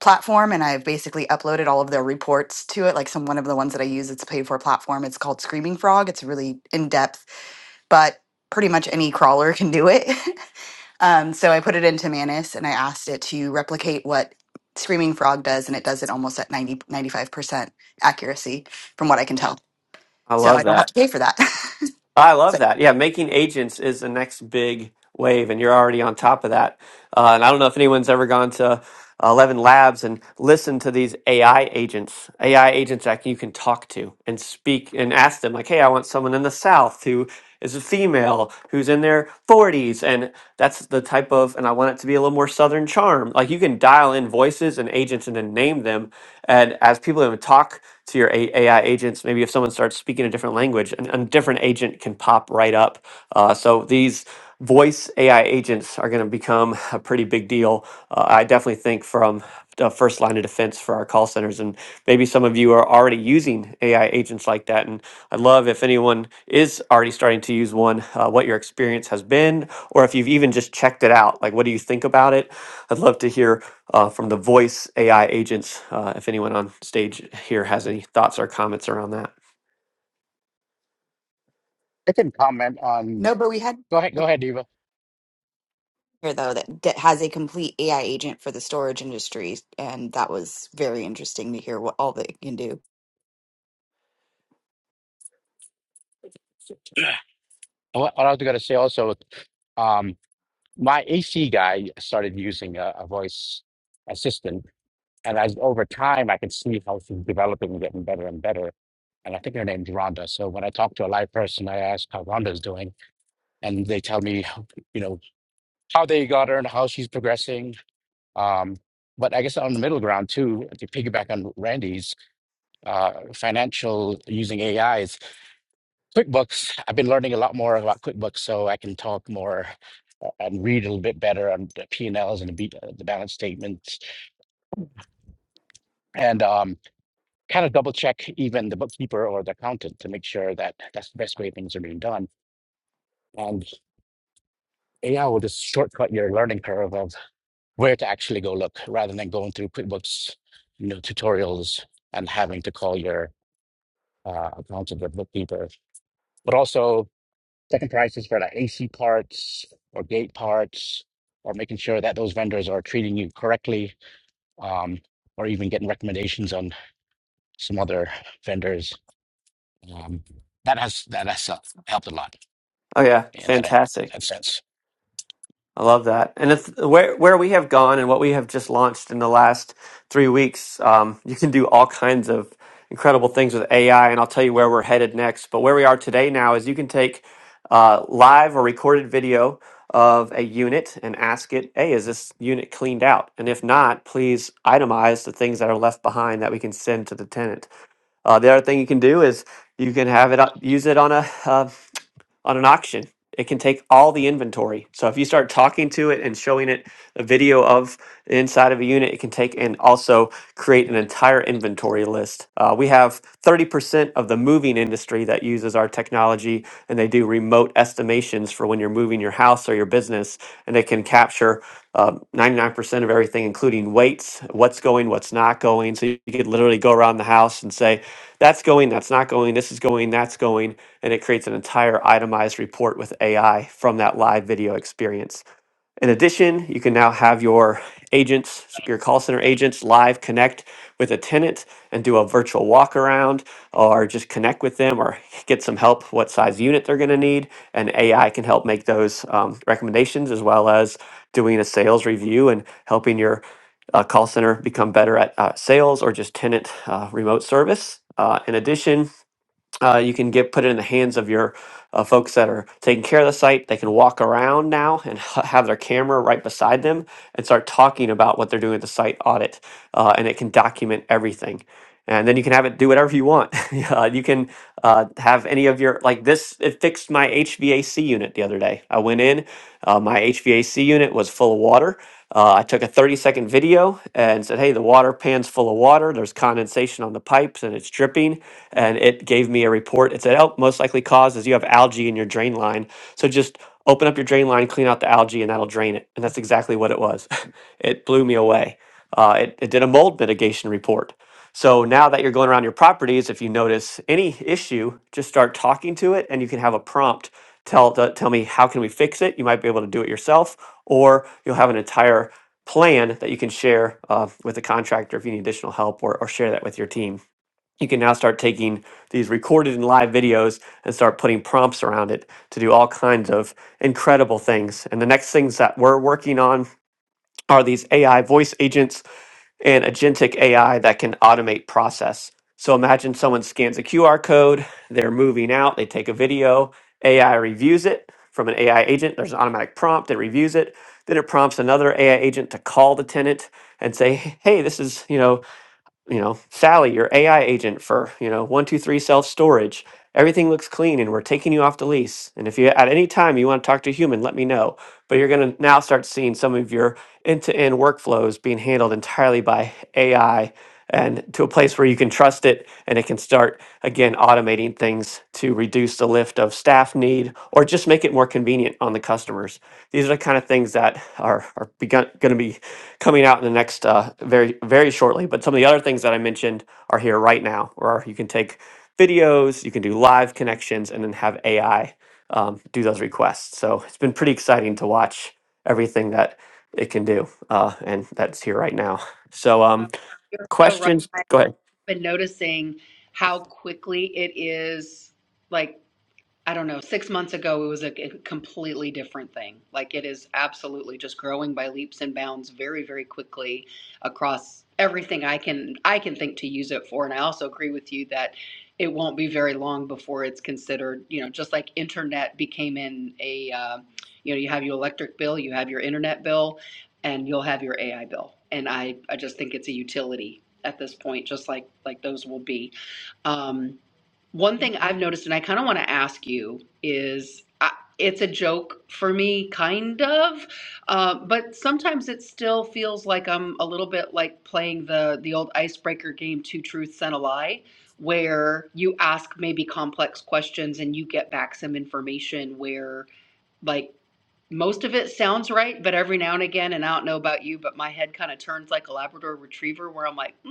Speaker 5: platform and I've basically uploaded all of their reports to it. Like some one of the ones that I use, it's a paid for platform. It's called Screaming Frog. It's really in depth, but pretty much any crawler can do it. um, so I put it into Manus and I asked it to replicate what Screaming Frog does and it does it almost at ninety ninety-five percent accuracy from what I can tell.
Speaker 3: I
Speaker 5: So
Speaker 3: love
Speaker 5: I don't
Speaker 3: that.
Speaker 5: have to pay for that. it's
Speaker 3: I love
Speaker 5: like,
Speaker 3: that. Yeah, making agents is the next big wave, and you're already on top of that. Uh, and I don't know if anyone's ever gone to 11 labs and listen to these AI agents, AI agents that you can talk to and speak and ask them, like, hey, I want someone in the South who is a female, who's in their 40s. And that's the type of, and I want it to be a little more Southern charm. Like you can dial in voices and agents and then name them. And as people even talk to your A- AI agents, maybe if someone starts speaking a different language, an- a different agent can pop right up. Uh, so these voice AI agents are going to become a pretty big deal. Uh, I definitely think from the first line of defense for our call centers, and maybe some of you are already using AI agents like that. And I'd love if anyone is already starting to use one, uh, what your experience has been, or if you've even just checked it out. Like, what do you think about it? I'd love to hear uh, from the voice AI agents uh, if anyone on stage here has any thoughts or comments around that.
Speaker 2: I can comment on.
Speaker 5: no, but we had.
Speaker 2: Go ahead, go ahead, Eva.
Speaker 5: here though that, that has a complete AI agent for the storage industry, and that was very interesting to hear what all that it can do.
Speaker 2: Oh, What, what I was going to say also, um, my AC guy started using a, a voice assistant And as over time, I can see how she's developing and getting better and better. And I think her name's Rhonda. So when I talk to a live person, I ask how Rhonda's doing, and they tell me, you know, how they got her and how she's progressing. Um, but I guess on the middle ground too, to piggyback on Randy's uh, financial using AI is QuickBooks. I've been learning a lot more about QuickBooks, so I can talk more uh, and read a little bit better on the P and Ls and the, B, the balance statements. And um, kind of double check even the bookkeeper or the accountant to make sure that that's the best way things are being done. And AI will just shortcut your learning curve of where to actually go look rather than going through QuickBooks, you know, tutorials and having to call your uh, accountant or bookkeeper. But also second prices for like AC parts or gate parts or making sure that those vendors are treating you correctly um, or even getting recommendations on some other vendors. Um, that has that has uh, helped a lot.
Speaker 3: Oh yeah,
Speaker 2: in that, in
Speaker 3: fantastic.
Speaker 2: that sense.
Speaker 3: I love that, and it's where where we have gone and what we have just launched in the last three weeks. Um, you can do all kinds of incredible things with AI, and I'll tell you where we're headed next. But where we are today now is you can take uh, live or recorded video of a unit and ask it, "Hey, is this unit cleaned out?" And if not, please itemize the things that are left behind that we can can can send to the The tenant." Uh, the other thing you you do is you can have it it use it on a. uh, on an auction. It can take all the inventory. So if you start talking to it and showing it a video of the inside of a unit, it can take and also create an entire inventory list. Uh, we have 30% of the moving industry that uses our technology, and they do remote estimations for when you're moving your house or your business, and they can capture um, 99% of everything, including weights, what's going, what's not going. So you could literally go around the house and say, that's going, that's not going, this is going, that's going, and it creates an entire itemized report with AI from that live video experience. In addition, you can now have your agents, your call center agents live connect with a tenant and do a virtual walk around or just connect with them or get some help what size unit they're going to need. And AI can help make those um, recommendations as well as doing a sales review and helping your uh, call center become better at uh, sales or just tenant uh, remote service. Uh, in addition, uh, you can get put it in the hands of your uh, folks that are taking care of the site. They can walk around now and ha- have their camera right beside them and start talking about what they're doing at the site audit, uh, and it can document everything. And then you can have it do whatever you want. uh, you can uh, have any of your like this it fixed my hvac unit the other day i went in uh, my hvac unit was full of water uh, i took a 30 second video and said hey the water pan's full of water there's condensation on the pipes and it's dripping and it gave me a report it said oh most likely cause is you have algae in your drain line so just open up your drain line clean out the algae and that'll drain it and that's exactly what it was it blew me away uh, it, it did a mold mitigation report so now that you're going around your properties, if you notice any issue, just start talking to it and you can have a prompt tell to, tell me how can we fix it? You might be able to do it yourself or you'll have an entire plan that you can share uh, with the contractor if you need additional help or, or share that with your team. You can now start taking these recorded and live videos and start putting prompts around it to do all kinds of incredible things. And the next things that we're working on are these AI voice agents and agentic AI that can automate process. So imagine someone scans a QR code, they're moving out, they take a video, AI reviews it from an AI agent, there's an automatic prompt, it reviews it, then it prompts another AI agent to call the tenant and say, "Hey, this is, you know, you know, Sally, your AI agent for, you know, 123 self storage. Everything looks clean and we're taking you off the lease. And if you at any time you want to talk to a human, let me know. But you're going to now start seeing some of your end to end workflows being handled entirely by AI and to a place where you can trust it and it can start again automating things to reduce the lift of staff need or just make it more convenient on the customers. These are the kind of things that are, are begun, going to be coming out in the next uh, very very shortly. But some of the other things that I mentioned are here right now, where you can take videos, you can do live connections, and then have AI um, do those requests. So it's been pretty exciting to watch everything that it can do, uh, and that's here right now. So
Speaker 9: Uh,
Speaker 3: um,
Speaker 9: You're so right.
Speaker 3: questions. Go ahead.
Speaker 9: I've been noticing how quickly it is like I don't know, six months ago, it was a completely different thing. Like it is absolutely just growing by leaps and bounds very, very quickly across everything I can I can think to use it for. And I also agree with you that it won't be very long before it's considered, you know, just like internet became in a, uh, you know, you have your electric bill, you have your internet bill, and you'll have your AI bill. And I, I just think it's a utility at this point, just like like those will be. Um, one thing I've noticed, and I kind of want to ask you, is I, it's a joke for me, kind of, uh, but sometimes it still feels like I'm a little bit like playing the the old icebreaker game, two truths and a lie, where you ask maybe complex questions and you get back some information where like most of it sounds right, but every now and again, and I don't know about you, but my head kind of turns like a Labrador Retriever, where I'm like, mm,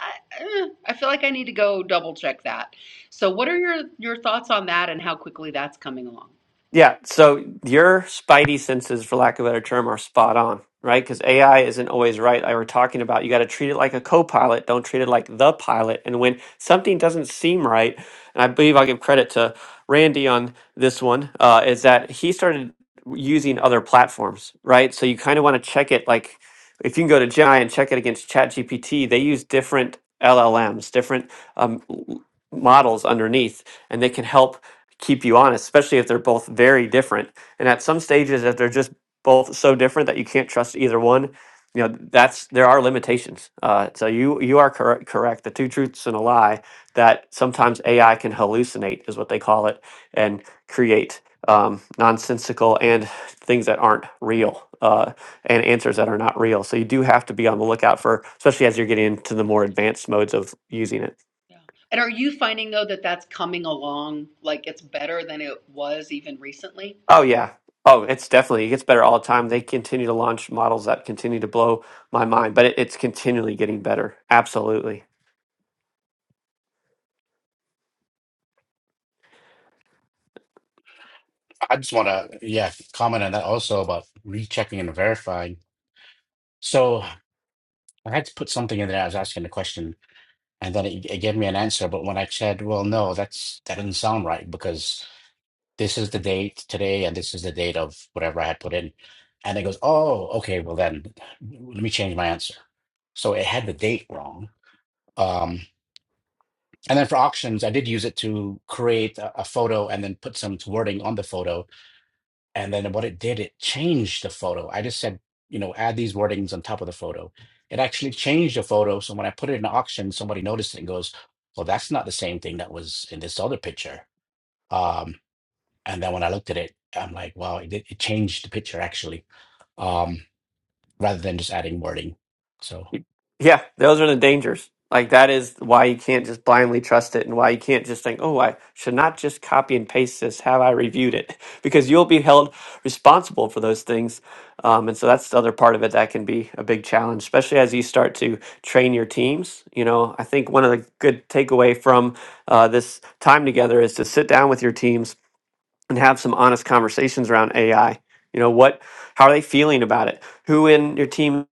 Speaker 9: I, eh, I feel like I need to go double check that. So, what are your your thoughts on that, and how quickly that's coming along?
Speaker 3: Yeah, so your spidey senses, for lack of a better term, are spot on, right? Because AI isn't always right. I were talking about you got to treat it like a co-pilot, don't treat it like the pilot. And when something doesn't seem right, and I believe I'll give credit to Randy on this one, uh, is that he started using other platforms, right? So you kind of want to check it like if you can go to Gemini and check it against ChatGPT, they use different LLMs, different um, l- models underneath, and they can help keep you honest, especially if they're both very different. And at some stages, if they're just both so different that you can't trust either one, you know that's there are limitations. Uh, so you you are correct. Correct. The two truths and a lie that sometimes AI can hallucinate is what they call it, and create um, nonsensical and things that aren't real uh, and answers that are not real. So you do have to be on the lookout for, especially as you're getting into the more advanced modes of using it.
Speaker 9: Yeah. And are you finding though that that's coming along like it's better than it was even recently?
Speaker 3: Oh yeah. Oh, it's definitely it gets better all the time. They continue to launch models that continue to blow my mind, but it, it's continually getting better. Absolutely.
Speaker 2: I just want to, yeah, comment on that also about rechecking and verifying. So I had to put something in there. I was asking a question, and then it, it gave me an answer. But when I said, "Well, no, that's that doesn't sound right because this is the date today, and this is the date of whatever I had put in," and it goes, "Oh, okay. Well, then let me change my answer." So it had the date wrong. Um, and then for auctions, I did use it to create a, a photo and then put some wording on the photo And then what it did, it changed the photo. I just said, you know, add these wordings on top of the photo. It actually changed the photo. So when I put it in auction, somebody noticed it and goes, well, that's not the same thing that was in this other picture. Um, and then when I looked at it, I'm like, wow, it, did- it changed the picture actually, um, rather than just adding wording. So.
Speaker 3: Yeah, those are the dangers. Like that is why you can't just blindly trust it and why you can't just think, "Oh, I should not just copy and paste this. Have I reviewed it?" Because you'll be held responsible for those things. Um, and so that's the other part of it that can be a big challenge, especially as you start to train your teams. You know, I think one of the good takeaway from uh, this time together is to sit down with your teams and have some honest conversations around AI. You know, what how are they feeling about it? Who in your team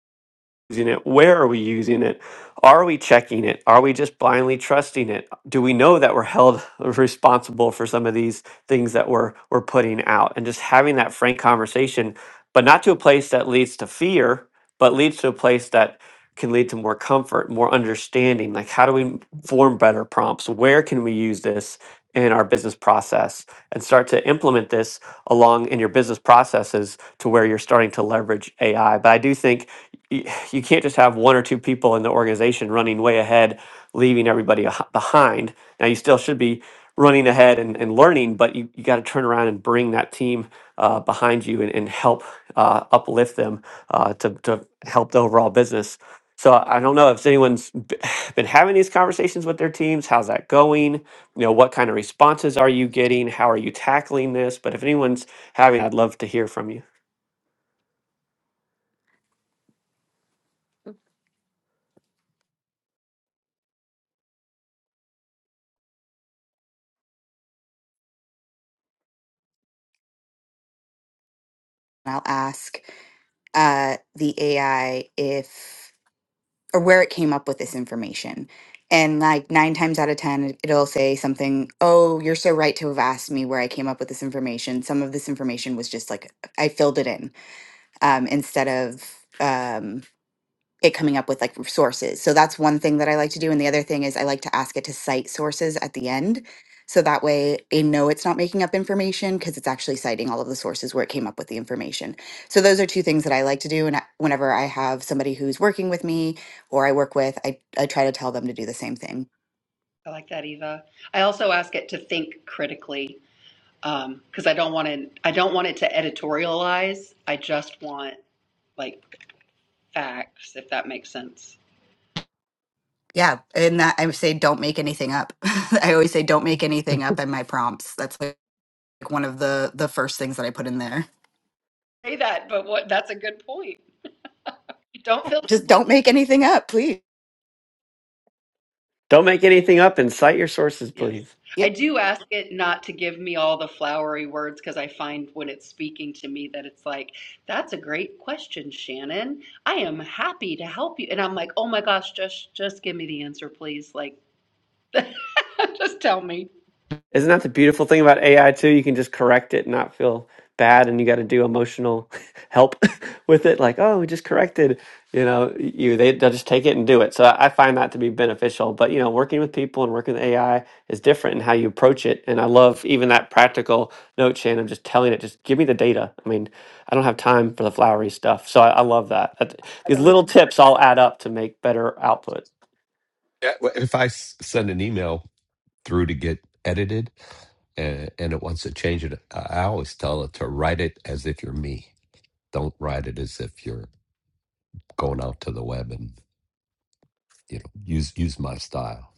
Speaker 3: using it? Where are we using it? Are we checking it? Are we just blindly trusting it? Do we know that we're held responsible for some of these things that we're we're putting out? And just having that frank conversation, but not to a place that leads to fear, but leads to a place that can lead to more comfort, more understanding. Like, how do we form better prompts? Where can we use this in our business process and start to implement this along in your business processes to where you're starting to leverage AI? But I do think y- you can't just have one or two people in the organization running way ahead, leaving everybody ah- behind. Now, you still should be running ahead and, and learning, but you, you got to turn around and bring that team uh, behind you and, and help uh, uplift them uh, to, to help the overall business. So I don't know if anyone's b- been having these conversations with their teams. How's that going? You know, what kind of responses are you getting? How are you tackling this? But if anyone's having, I'd love to hear from you.
Speaker 5: I'll ask uh, the AI if or where it came up with this information. And like nine times out of 10, it- it'll say something, Oh, you're so right to have asked me where I came up with this information. Some of this information was just like, I filled it in um, instead of. um, it coming up with like sources. So that's one thing that I like to do. And the other thing is I like to ask it to cite sources at the end. So that way I know it's not making up information because it's actually citing all of the sources where it came up with the information. So those are two things that I like to do. And I- whenever I have somebody who's working with me or I work with, I, I try to tell them to do the same thing.
Speaker 9: I like that, Eva. I also ask it to think critically um, because I don't want to. I don't want it to editorialize. I just want like facts, if that makes sense.
Speaker 5: Yeah. And that I would say, don't make anything up. I always say, don't make anything up in my prompts. That's like one of the, the first things that I put in there.
Speaker 9: Say that, but what? That's a good point. Don't feel
Speaker 5: Just
Speaker 9: blamed.
Speaker 5: don't make anything up, please.
Speaker 3: Don't make anything up and cite your sources,
Speaker 9: Yes,
Speaker 3: please.
Speaker 9: I do ask it not to give me all the flowery words because I find when it's speaking to me that it's like, "That's a great question, Shannon. I am happy to help you," and I'm like, "Oh my gosh, just just give me the answer, please. Like, just tell me."
Speaker 3: Isn't that the beautiful thing about AI too? You can just correct it and not feel bad, and you got to do emotional help with it. Like, oh, we just corrected, you know, you they they'll just take it and do it. So I I find that to be beneficial. But you know, working with people and working with AI is different in how you approach it. And I love even that practical note, Shannon, just telling it, just give me the data. I mean, I don't have time for the flowery stuff. So I, I love that. That-
Speaker 9: I
Speaker 3: These
Speaker 9: don't." know."
Speaker 3: little tips all add up to make better output.
Speaker 8: Yeah, well, If I s- send an email through to get edited and, and it wants to change it. I I always tell it to write it as if you're me. Don't write it as if you're going out to the web and you know use use my style.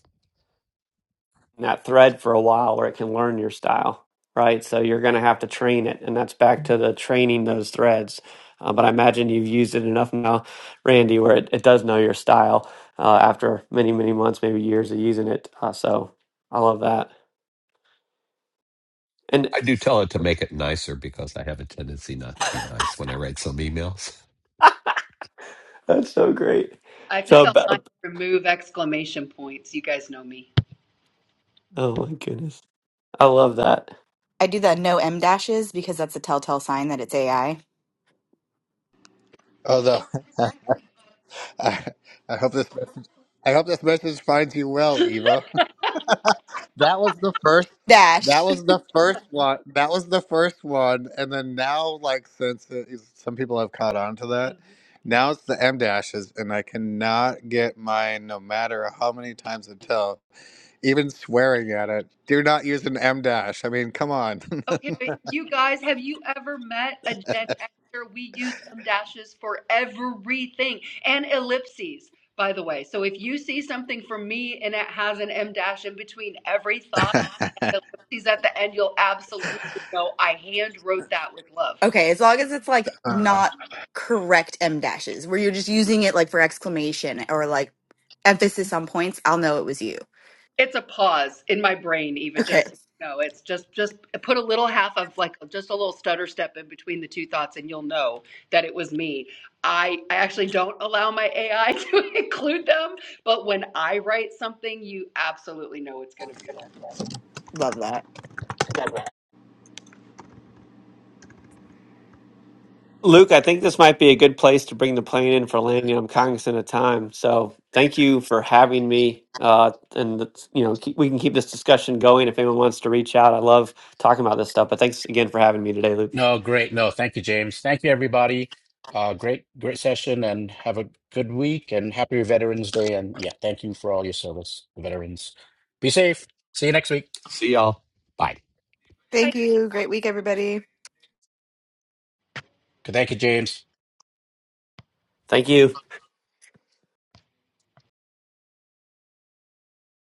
Speaker 3: that thread for a while or it can learn your style, right? So you're going to have to train it. And that's back to the training those threads. Uh, but I imagine you've used it enough now, Randy, where it, it does know your style uh, after many, many months, maybe years of using it. Uh, so I love that. And
Speaker 8: I do tell it to make it nicer because I have a tendency not to be nice when I write some emails.
Speaker 3: that's so great.
Speaker 9: I have to
Speaker 3: So,
Speaker 9: tell mine
Speaker 3: ba-
Speaker 9: to remove exclamation points. You guys know me.
Speaker 3: oh my goodness. I love that.
Speaker 5: I do the no M dashes because that's a telltale sign that it's AI.
Speaker 7: Oh, the. I, I hope this message, I hope this message finds you well, Eva. That was the first.
Speaker 5: Dash.
Speaker 7: That was the first one. That was the first one, and then now, like since it is, some people have caught on to
Speaker 9: Uh-huh.
Speaker 7: that, now it's the M dashes, and I cannot get mine, no matter how many times I tell, even swearing at it. Do not use an M dash. I mean, come on.
Speaker 9: Okay, but you guys, have you ever met a Gen Xer? We use em dashes for everything and ellipses, by the way. So if you see something from me and it has an em dash in between every thought and ellipses at the end, you'll absolutely know I hand wrote that with love.
Speaker 5: Okay, as long as it's like not correct M dashes, where you're just using it like for exclamation or like emphasis on points, I'll know it was you.
Speaker 9: It's a pause in my brain, Eva.
Speaker 5: Okay,
Speaker 9: Just no, it's just just put a little half of like just a little stutter step in between the two thoughts, and you'll know that it was me. I I actually don't allow my AI to include them, but when I write something, you absolutely know it's going to be there.
Speaker 5: love that.
Speaker 3: Luke, I think this might be a good place to bring the plane in for landing. I'm cognizant of time, so thank you for having me. Uh, and it's- you know, keep, we can keep this discussion going if anyone wants to reach out. I love talking about this stuff, but thanks again for having me today, Luke.
Speaker 2: No, great. No, thank you, James. Thank you, everybody. Uh, great, great session, and have a good week. And happy Veterans Day. And yeah, thank you for all your service, veterans. Be safe. See you next week.
Speaker 8: See y'all. Bye.
Speaker 9: I
Speaker 5: Thank you. Great week, everybody.
Speaker 2: Thank you, James.
Speaker 3: Thank you.